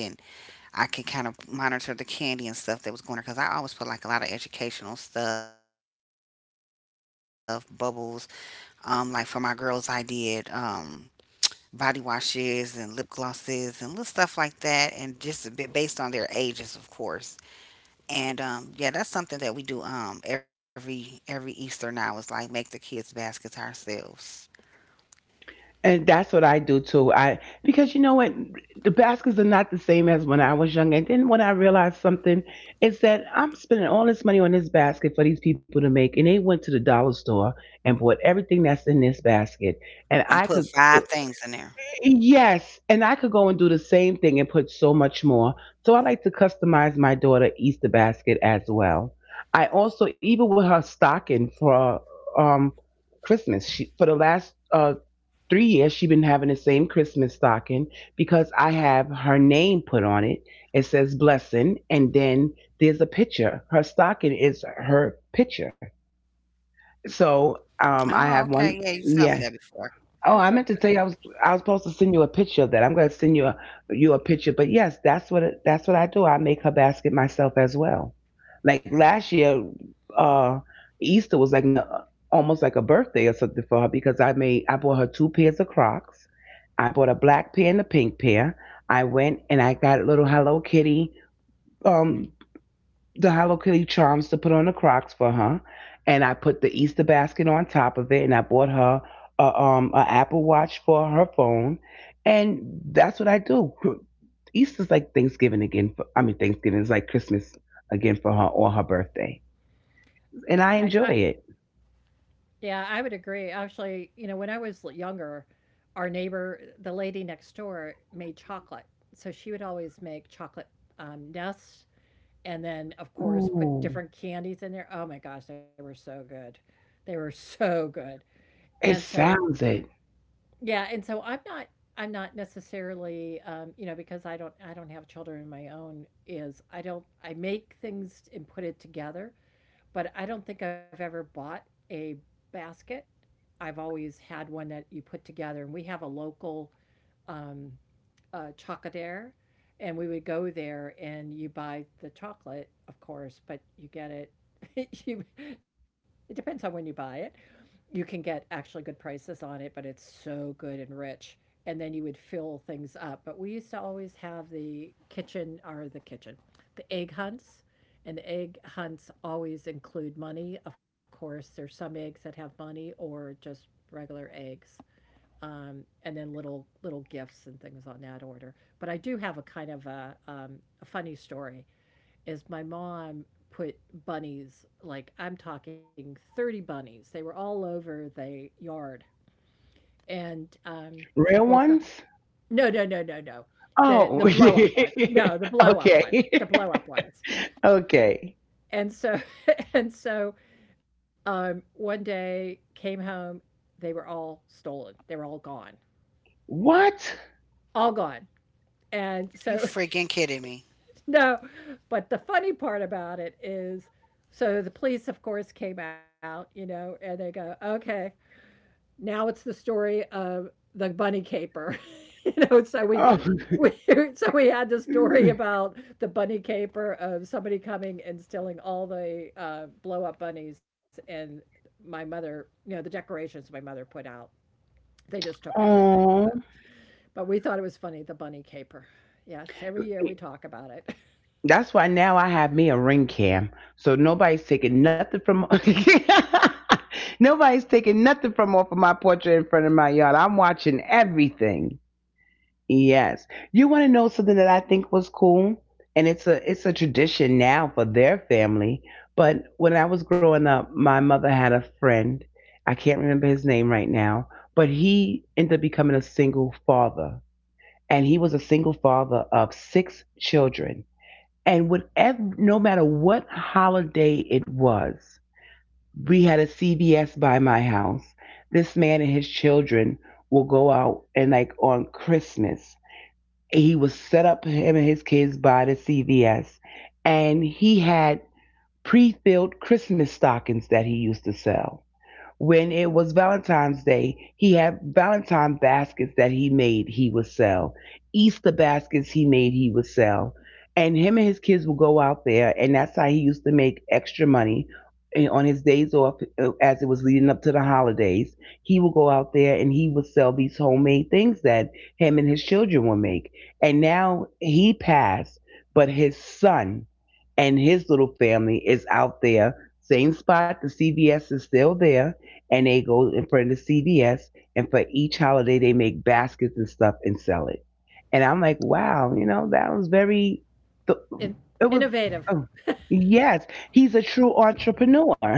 I can kind of monitor the candy and stuff that was going there because I always put like a lot of educational stuff, bubbles. Um, like for my girls, I did um body washes and lip glosses and little stuff like that, and just a bit based on their ages, of course. And um, Yeah, that's something that we do um every every Easter now is like make the kids baskets ourselves And that's what I do too. I because you know what, the baskets are not the same as when I was young. And then when I realized something, it's that I'm spending all this money on this basket for these people to make, and they went to the dollar store and bought everything that's in this basket, and and put I could five things in there. yes, and I could go and do the same thing and put so much more. So I like to customize my daughter Easter basket as well. I also even with her stocking for um Christmas, she, for the last uh three years she's been having the same Christmas stocking because I have her name put on it. It says blessing and then there's a picture. Her stocking is her picture. Oh, So okay. Yeah, you um told me I that have one before. yeah. Oh, I That's meant a, to tell you I was I was supposed to send you a picture of that. I'm going to send you a you a picture, but yes, that's what it, that's what I do. I make her basket myself as well. Like last year, uh, Easter was like no, almost like a birthday or something for her because I made I bought her two pairs of Crocs. I bought a black pair and a pink pair. I went and I got a little Hello Kitty um the Hello Kitty charms to put on the Crocs for her, and I put the Easter basket on top of it, and I bought her a, um a Apple Watch for her phone, and that's what I do. Easter's like Thanksgiving again. For, I mean, Thanksgiving is like Christmas again for her or her birthday, and I I, I enjoy it. yeah, I would agree. Actually, you know, when I was younger, our neighbor, the lady next door, made chocolate. So she would always make chocolate um, nests, and then of course put Ooh, different candies in there. Oh my gosh, they were so good. They were so good. And it so sounds it. Yeah, and so I'm not I'm not necessarily um, you know, because I don't I don't have children of my own is I don't I make things and put it together, but I don't think I've ever bought a basket. I've always had one that you put together and we have a local um uh, Chocolatere, and we would go there and you buy the chocolate, of course, but you get it. [laughs] you, it depends on when you buy it. You can get actually good prices on it, but it's so good and rich. And then you would fill things up. But we used to always have the kitchen or the kitchen, the egg hunts. And the egg hunts always include money. Of course, there's some eggs that have money or just regular eggs um, and then little little gifts and things on that order. But I do have a kind of a, um, a funny story. Is my mom put bunnies like I'm talking thirty bunnies. They were all over the yard, and um, Real woke up. ones? No, no, no, no, no. The Oh, the blow up one. No, the [laughs] blow up one. The okay, blow up ones. [laughs] okay. And so [laughs] and so um, one day came home. They were all stolen. They were all gone. What? All gone. You And so freaking kidding me. No, but the funny part about it is so the police, of course, came out, you know, and they go, okay, now it's the story of the bunny caper. [laughs] You know, so we, Oh, we [laughs] so we had the story about the bunny caper of somebody coming and stealing all the uh, blow up bunnies and my mother, you know, the decorations my mother put out. They just took [laughs] everything. So, oh. but we thought it was funny, the bunny caper. Yes, every year we talk about it. That's why now I have me a ring cam. So nobody's taking nothing from [laughs] nobody's taking nothing from off of my portrait in front of my yard. I'm watching everything. Yes. You wanna know something that I think was cool? And it's a it's a tradition now for their family. But when I was growing up, my mother had a friend. I can't remember his name right now, but he ended up becoming a single father. And he was a single father of six children and whatever, no matter what holiday it was, we had a C V S by my house. This man and his children will go out and like on Christmas, he was set up him and his kids by the C V S, and he had pre-filled Christmas stockings that he used to sell when it was Valentine's Day, he had Valentine baskets that he made he would sell. Easter baskets he made he would sell. And him and his kids would go out there and that's how he used to make extra money and on his days off uh, as it was leading up to the holidays. He would go out there and he would sell these homemade things that him and his children would make. And now he passed, but his son and his little family is out there. Same spot, the C V S is still there and they go in front of C V S and for each holiday they make baskets and stuff and sell it. And I'm like, wow, you know, that was very, th- [laughs] it it was, Innovative. oh, yes, he's a true entrepreneur.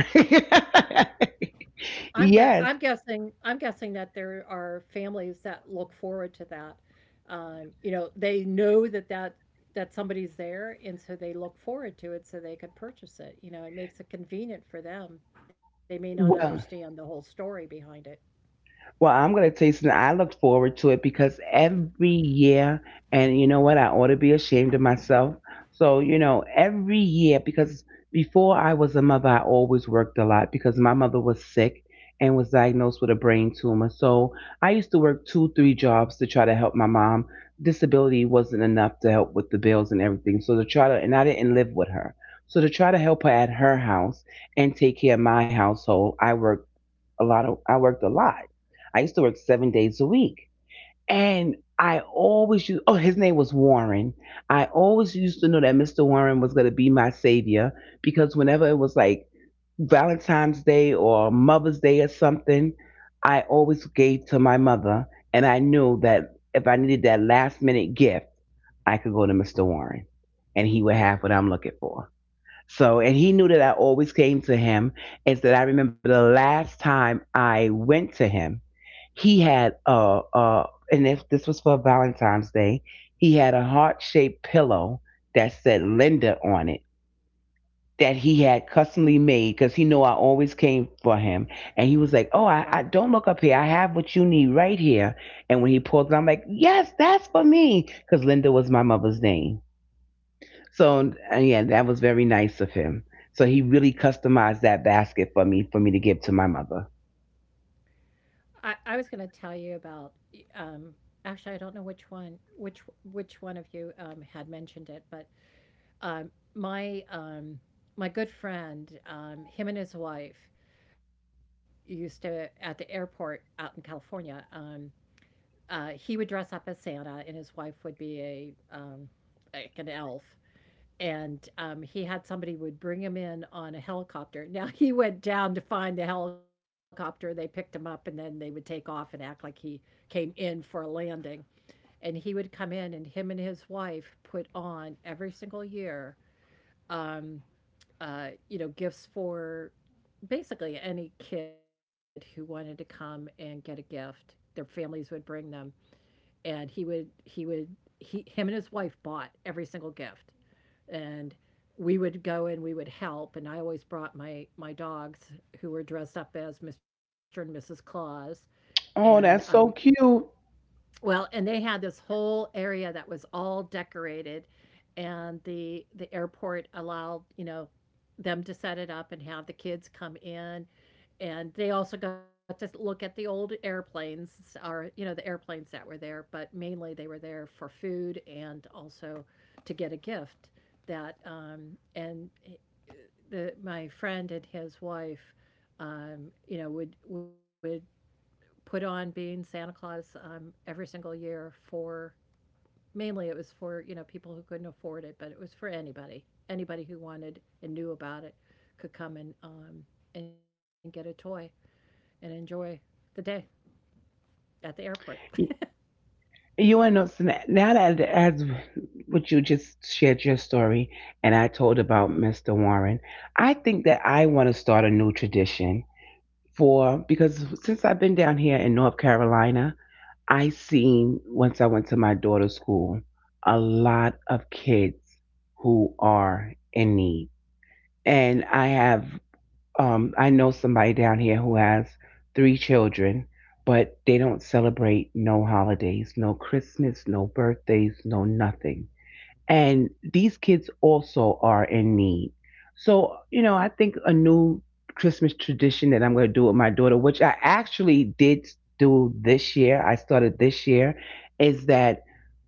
I'm gue [laughs] I'm yes. guessing I'm guessing that there are families that look forward to that. Um, you know, they know that that that somebody's there, and so they look forward to it so they can purchase it. You know, it makes it convenient for them. They may not understand Well, the whole story behind it. Well, I'm going to tell you something. I look forward to it because every year, and you know what? I ought to be ashamed of myself. So, you know, every year, because before I was a mother, I always worked a lot because my mother was sick and was diagnosed with a brain tumor. So I used to work two, three jobs to try to help my mom. Disability wasn't enough to help with the bills and everything. So to try to, and I didn't live with her. So to try to help her at her house and take care of my household, I worked a lot of I worked a lot. I used to work seven days a week. And I always used oh, his name was Warren. I always used to know that Mister Warren was gonna be my savior because whenever it was like Valentine's Day or Mother's Day or something, I always gave to my mother and I knew that if I needed that last minute gift, I could go to Mister Warren and he would have what I'm looking for. So, and he knew that I always came to him. And said, I remember the last time I went to him, he had a, a and if this was for Valentine's Day, he had a heart shaped pillow that said Linda on it that he had customly made because he knew I always came for him. And he was like, Wow. oh, I, I don't look up here. I have what you need right here. And when he pulled it, I'm like, yes, that's for me. Because Linda was my mother's name. So and yeah, that was very nice of him. So he really customized that basket for me for me to give to my mother. I I was gonna tell you about, um, actually, I don't know which one which which one of you, um, had mentioned it, but, um, my, um my good friend, um, him and his wife, used to at the airport out in California. Um, uh, he would dress up as Santa, and his wife would be a um, like an elf. And um, he had somebody would bring him in on a helicopter. [laughs] Now he went down to find the helicopter. They picked him up, and then they would take off and act like he came in for a landing. And he would come in, and him and his wife put on every single year um, uh, you know, gifts for basically any kid who wanted to come and get a gift. Their families would bring them, and he would he would he him and his wife bought every single gift, and we would go and we would help. And I always brought my my dogs who were dressed up as Mister and Missus Claus, and Oh, um, that's so cute. well, and they had this whole area that was all decorated, and the the airport allowed, you know, them to set it up and have the kids come in. And they also got to look at the old airplanes or, you know, the airplanes that were there, but mainly they were there for food and also to get a gift. That um and eh, the my friend and his wife um, you know, would would put on being Santa Claus um, every single year for mainly it was for you know people who couldn't afford it, but it was for anybody. Anybody who wanted and knew about it could come and um, and get a toy and enjoy the day at the airport. [laughs] Y- You and know. So now that as what you just shared your story, and I told about Mister Warren, I think that I want to start a new tradition for because since I've been down here in North Carolina, I seen once I went to my daughter's school a lot of kids who are in need. And I have um I know somebody down here who has three children, but they don't celebrate no holidays, no Christmas, no birthdays, no nothing and these kids also are in need. So, you know, I think a new Christmas tradition that I'm going to do with my daughter, which I actually did do this year, I started this year, is that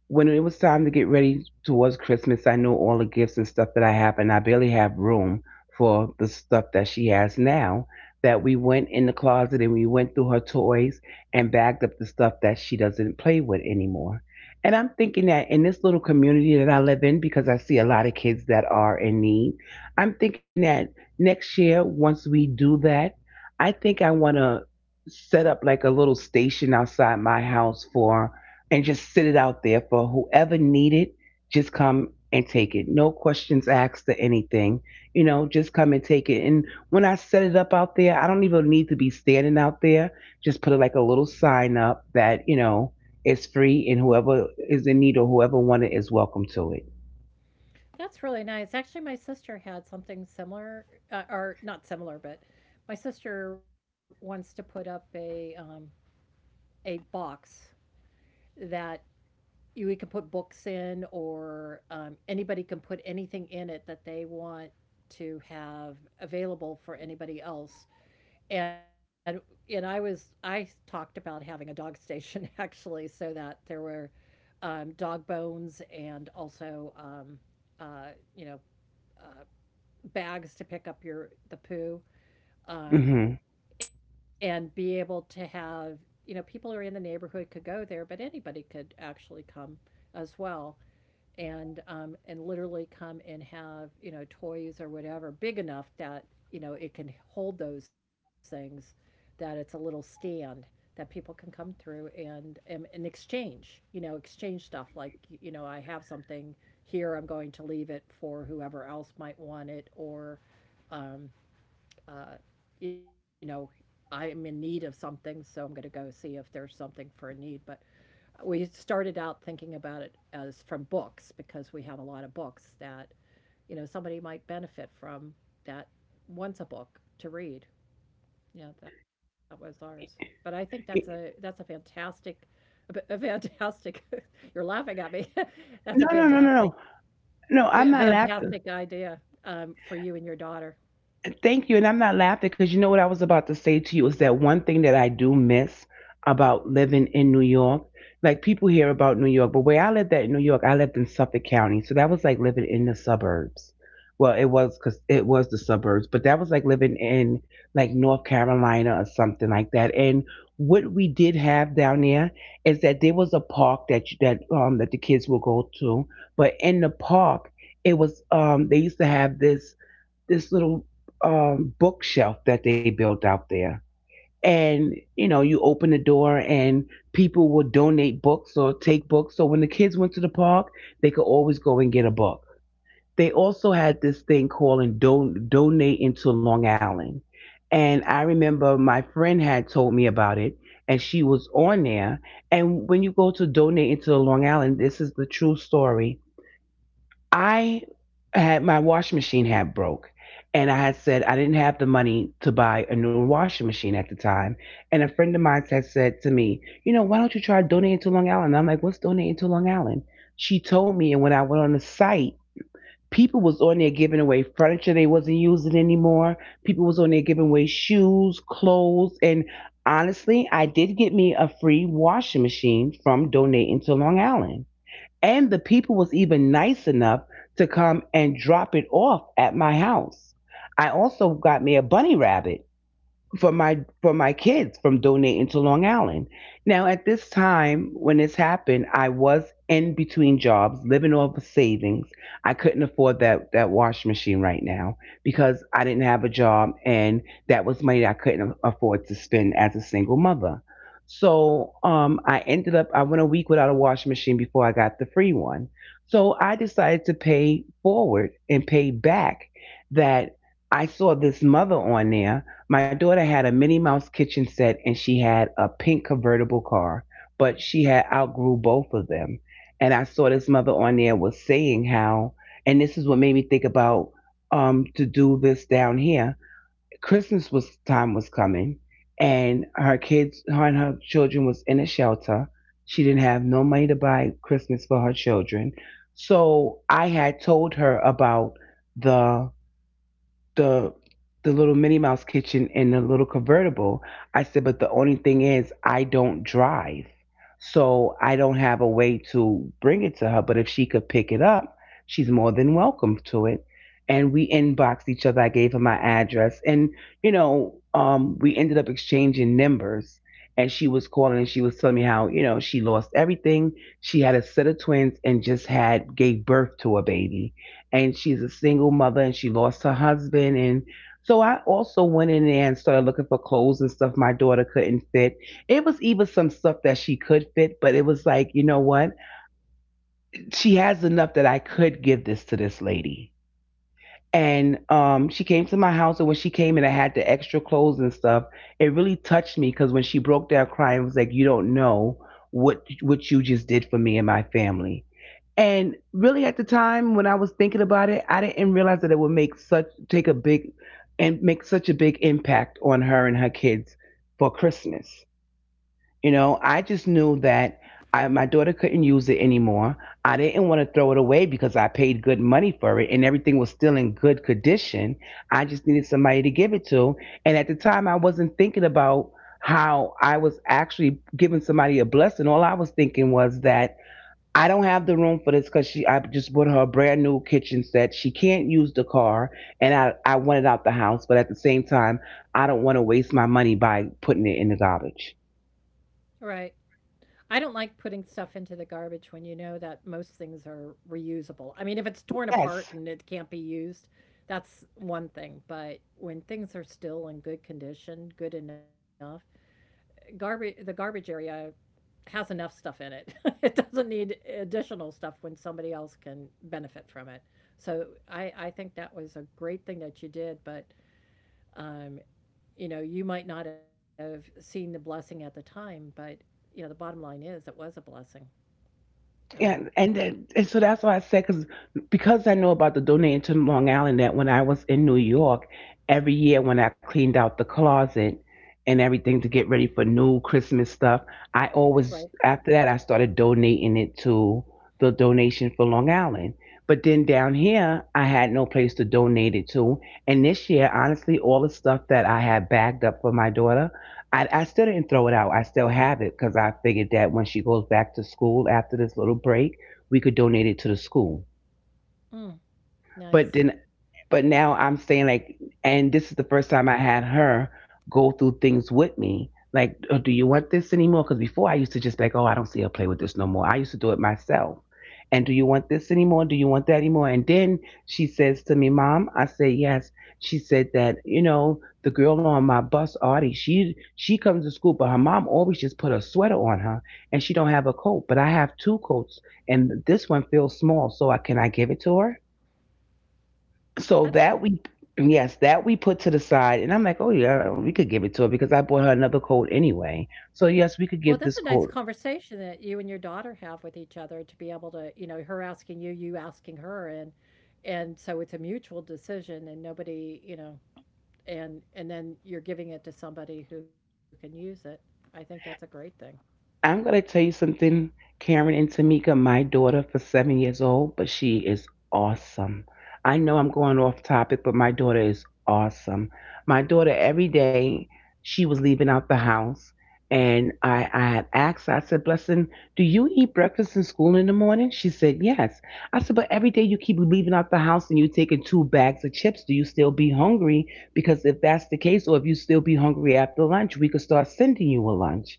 when it was time to get ready towards Christmas, I know all the gifts and stuff that I have, and I barely have room for the stuff that she has now. That we went in the closet and we went through her toys and bagged up the stuff that she doesn't play with anymore. And I'm thinking that in this little community that I live in, because I see a lot of kids that are in need, I'm thinking that next year, once we do that, I think I want to set up like a little station outside my house for and just sit it out there for whoever need it. Just come and take it. No questions asked or anything. You know, just come and take it. And when I set it up out there, I don't even need to be standing out there. Just put like a little sign up that you know it's free, and whoever is in need or whoever want it is welcome to it. That's really nice. Actually, my sister had something similar, uh, or not similar, but my sister wants to put up a um, a box that you we can put books in or um, anybody can put anything in it that they want to have available for anybody else and and i was i talked about having a dog [laughs] station actually so that there were um, dog bones and also um, uh, you know uh, bags to pick up your the poo um, Hmm. and be able to have you know people who are in the neighborhood could go there but anybody could actually come as well and um, and literally come and have you know toys or whatever big enough that you know it can hold those things that it's a little stand that people can come through and and, and exchange you know exchange stuff like you know I have something here I'm going to leave it for whoever else might want it or uh, you know, I'm in need of something, so I'm going to go see if there's something for a need. But we started out thinking about it as from books because we have a lot of books that, you know, somebody might benefit from that wants a book to read. Yeah, that was ours. But I think that's a that's a fantastic, a fantastic. [laughs] You're laughing at me. [laughs] That's a No, no, no, fantastic, no, no. No, fa- I'm not laughing. fantastic idea um, for you and your daughter. Thank you. And I'm not laughing because you know what I was about to say to you is that one thing that I do miss about living in New York. Like people hear about New York, but where I lived at in New York, I lived in Suffolk County. So that was like living in the suburbs. Well, it was because it was the suburbs, but that was like living in like North Carolina or something like that. And what we did have down there is that there was a park that you- that um that the kids would go to, but in the park it was um they used to have this this little um, bookshelf that they built out there. And you know, you open the door and people would donate books or take books. So when the kids went to the park, they could always go and get a book. They also had this thing called don- donate into Long Island. And I remember my friend had told me about it and she was on there. And when you go to donate into Long Island, this is the true story. I had my washing machine had broke, and I had said I didn't have the money to buy a new washing machine at the time. And a friend of mine had said to me, "You know, why don't you try donating to Long Island?" And I'm like, "What's donating to Long Island?" She told me, and when I went on the site, people was on there giving away furniture they wasn't using anymore. People was on there giving away shoes, clothes, and honestly, I did get me a free washing machine from donating to Long Island and the people was even nice enough to come and drop it off at my house. I also got me a bunny rabbit for my for my kids from donating to Long Island. Now at this time when this happened, I was in between jobs, living off of savings. I couldn't afford that that wash machine right now because I didn't have a job and that was money that I couldn't afford to spend as a single mother. So um, I ended up I went a week without a washing machine before I got the free one. So I decided to pay forward and pay back. That I saw this mother on there, my daughter had a Minnie Mouse kitchen set and she had a pink convertible car, but she had outgrew both of them. And I saw this mother on there was saying how, and this is what made me think about um, to do this down here. Christmas was time was coming, and her kids, her and her children was in a shelter. She didn't have no money to buy Christmas for her children, so I had told her about the the the little Minnie Mouse kitchen in the little convertible. I said, but the only thing is I don't drive. So I don't have a way to bring it to her. But if she could pick it up, she's more than welcome to it. And we inboxed each other. I gave her my address. And, you know, um, we ended up exchanging numbers. And she was calling and she was telling me how, you know, she lost everything. She had a set of twins and just had gave birth to a baby and she's a single mother and she lost her husband and so I also went in there and started looking for clothes and stuff my daughter couldn't fit. It was even some stuff that she could fit, but it was like, you know what? She has enough that I could give this to this lady. And um, she came to my house, and when she came and I had the extra clothes and stuff, it really touched me because when she broke down crying, it was like, you don't know what what you just did for me and my family. And really at the time when I was thinking about it, I didn't realize that it would make such take a big and make such a big impact on her and her kids for Christmas. You know, I just knew that I, my daughter couldn't use it anymore. I didn't want to throw it away because I paid good money for it and everything was still in good condition. I just needed somebody to give it to. And at the time, I wasn't thinking about how I was actually giving somebody a blessing. All I was thinking was that I don't have the room for this because she I just bought her a brand new kitchen set. She can't use the car and I, I want it out the house, but at the same time, I don't want to waste my money by putting it in the garbage. Right. I don't like putting stuff into the garbage when you know that most things are reusable. I mean, if it's torn Yes. apart and it can't be used, that's one thing, but when things are still in good condition, good enough, garbage the garbage area has enough stuff in it. [laughs] It doesn't need additional stuff when somebody else can benefit from it. So I I think that was a great thing that you did, but, um you know, you might not have seen the blessing at the time, but you know, the bottom line is it was a blessing. Yeah, Um, and then, and so that's why I said because because I know about the donating to Long Island that when I was in New York, every year when I cleaned out the closet and everything to get ready for new Christmas stuff, I right. always after that I started donating it to the donation for Long Island. But then down here, I had no place to donate it to, and this year, honestly, all the stuff that I had bagged up for my daughter, I, I still didn't throw it out. I still have it because I figured that when she goes back to school after this little break, we could donate it to the school. Mm, But nice. then but now I'm saying like, and this is the first time I had her go through things with me. Like, oh, do you want this anymore? Because before I used to just be like, oh, I don't see her play with this no more. I used to do it myself. And do you want this anymore? Do you want that anymore? And then she says to me, Mom, I say yes. She said that, you know, the girl on my bus, Artie, she she comes to school, but her mom always just put a sweater on her and she don't have a coat. But I have two coats and this one feels small. So I can I give it to her? So That's that a, we, yes, that we put to the side. And I'm like, oh, yeah, we could give it to her because I bought her another coat anyway. So, well, yes, we that's a could give nice this coat. conversation that you and your daughter have with each other to be able to, you know, her asking you, you asking her, and and so it's a mutual decision, and nobody, you know, and and then you're giving it to somebody who can use it. I think that's a great thing. I'm going to tell you something, Karen and Tamika. My daughter for seven years old, but she is awesome. I know I'm going off topic, but my daughter is awesome. My daughter, every day she was leaving out the house, and I, I had asked her, I said, Blessing, do you eat breakfast in school in the morning? She said, Yes. I said, But every day you keep leaving out the house and you're taking two bags of chips, do you still be hungry? Because if that's the case, or if you still be hungry after lunch, we could start sending you a lunch.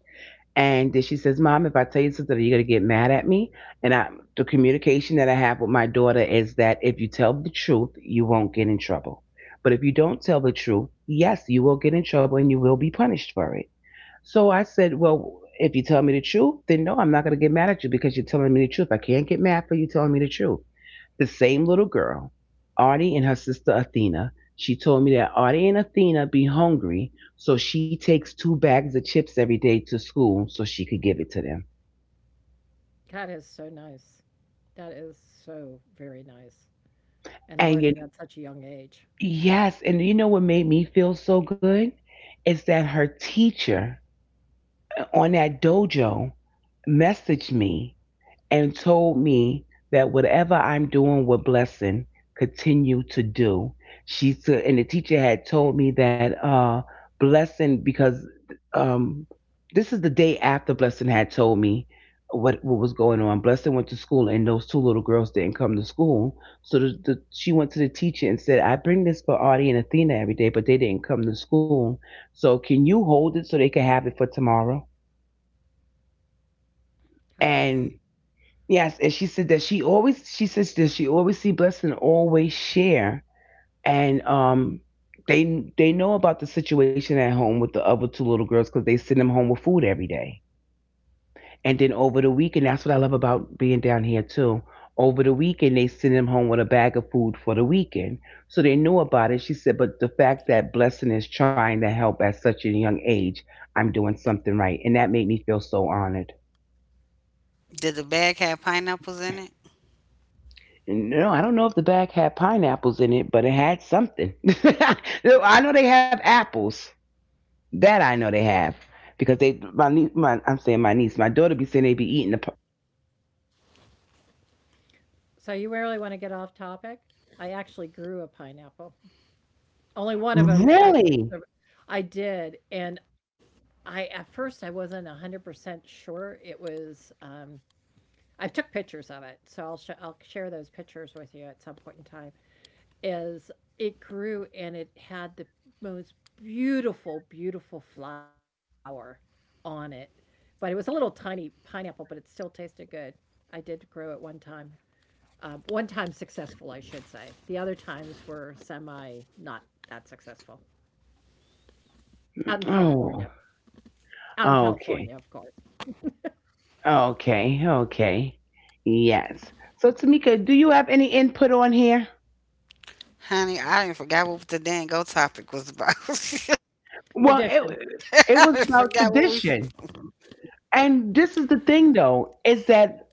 And then she says, Mom, if I tell you something, are you going to get mad at me? And I, the communication that I have with my daughter is that if you tell the truth, you won't get in trouble. But if you don't tell the truth, yes, you will get in trouble and you will be punished for it. So I said, Well, if you tell me the truth, then no, I'm not going to get mad at you because you're telling me the truth. I can't get mad for you telling me the truth the same little girl, Artie and her sister Athena. She told me that Artie and Athena be hungry, so she takes two bags of chips every day to school so she could give it to them. That is so nice. That is so very nice. And And you, learning at such a young age. yes, and you know what made me feel so good is that her teacher on that dojo messaged me and told me that whatever I'm doing with Blessing, continue to do. She said, and the teacher had told me that uh, Blessing because um, this is the day after Blessing had told me what what was going on. Blessing went to school, and those two little girls didn't come to school. So the, the, she went to the teacher and said, "I bring this for Audie and Athena every day, but they didn't come to school. So can you hold it so they can have it for tomorrow?" How nice. And yes, and she said that she always she says that she always see Blessing and always share, and um they they know about the situation at home with the other two little girls because they send them home with food every day, and then over the weekend, that's what I love about being down here too. Over the weekend they send them home with a bag of food for the weekend, so they knew about it. She said, but the fact that Blessing is trying to help at such a young age, I'm doing something right, and that made me feel so honored. Did the bag have pineapples in it? No, I don't know if the bag had pineapples in it, but it had something. [laughs] I know they have apples. That I know they have because they my niece, my I'm saying my niece, my daughter be saying they be eating the. pi- So you really want to get off topic? I actually grew a pineapple. Only one of them actually. Really? sur- I did, and I at first I wasn't hundred percent sure it was. Um, I took pictures of it, so I'll sh- I'll share those pictures with you at some point in time. Is it grew and it had the most beautiful, beautiful flower on it, but it was a little tiny pineapple, but it still tasted good. I did grow it one time. Um, one time successful, I should say. The other times were semi not that successful. Out in Oh, California, out in California, of course. okay, okay, okay. Yes. So Tamika, do you have any input on here? Honey, I didn't forgot what the dang go topic was Well, about. [laughs] Traditions. it it was I done about forgot what we. tradition, and this is the thing though, is that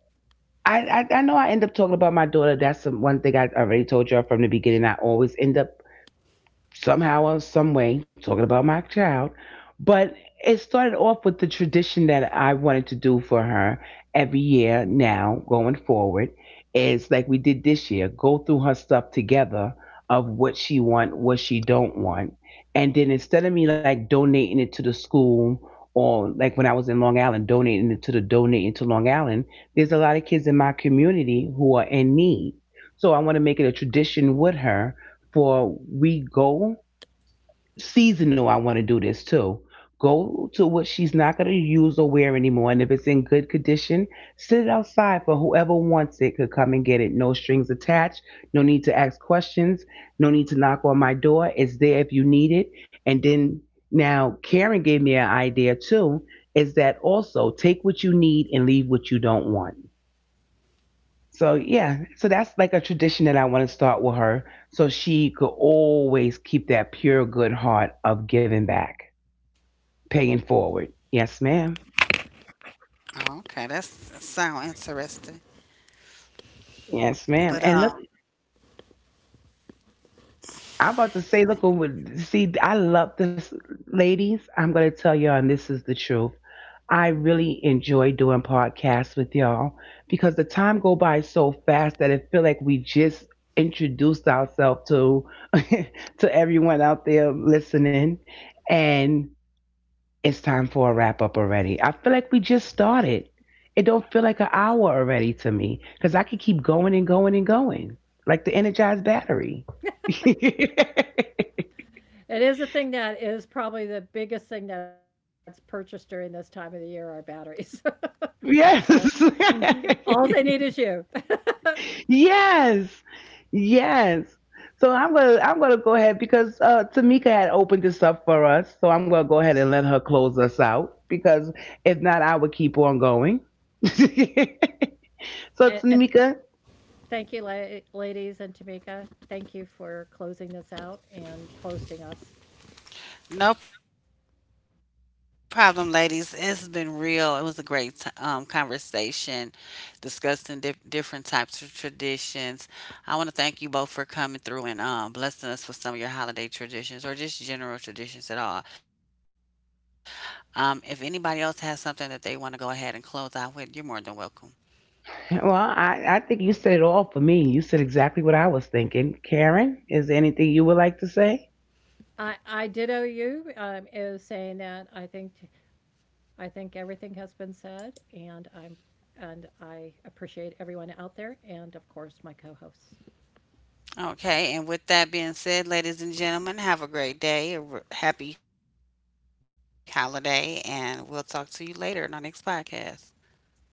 I, I I know I end up talking about my daughter. That's the one thing I already told you from the beginning. I always end up somehow or some way talking about my child, but it started off with the tradition that I wanted to do for her every year now going forward, is like we did this year, go through her stuff together of what she want, what she don't want, and then instead of me like donating it to the school or like when I was in Long Island donating it to the donating to Long Island. There's a lot of kids in my community who are in need, so I want to make it a tradition with her. For we go seasonal, I want to do this too. Go to what she's not going to use or wear anymore. And if it's in good condition, sit it outside for whoever wants it could come and get it. No strings attached. No need to ask questions. No need to knock on my door. It's there if you need it. And then now Karen gave me an idea too, is that also take what you need and leave what you don't want. So yeah, so that's like a tradition that I want to start with her, so she could always keep that pure good heart of giving back, paying forward. Yes, ma'am. Oh, okay, that's that sound interesting. Yes, ma'am. And look, But um, I'm about to say, look over. See, I love this, ladies. I'm gonna tell y'all, and this is the truth. I really enjoy doing podcasts with y'all because the time go by so fast that it feel like we just introduced ourselves to [laughs] to everyone out there listening and it's time for a wrap up already. I feel like we just started. It don't feel like an hour already to me because I could keep going and going and going like the energized battery. [laughs] It is a thing that is probably the biggest thing that's purchased during this time of the year are batteries. [laughs] So Yes. mm, all they need is you. [laughs] [laughs] Yes. Yes. So I'm gonna I'm gonna go ahead because uh, Tamika had opened this up for us. So I'm gonna go ahead and let her close us out because if not, I would keep on going. [laughs] So And, and Tamika, thank you, la- ladies and Tamika. Thank you for closing this out and hosting us. no problem, ladies. It's been real. It was a great t- um, conversation discussing di- different types of traditions. I want to thank you both for coming through and um, blessing us with some of your holiday traditions or just general traditions at all. Um, if anybody else has something that they want to go ahead and close out with, you're more than welcome. well, I, I think you said it all for me. You said exactly what I was thinking. Karen, is there anything you would like to say? I I ditto you. Um, is saying that I think t- I think everything has been said, and I'm and I appreciate everyone out there, and of course my co-hosts. Okay, and with that being said, ladies and gentlemen, have a great day, a r- happy holiday, and we'll talk to you later in our next podcast.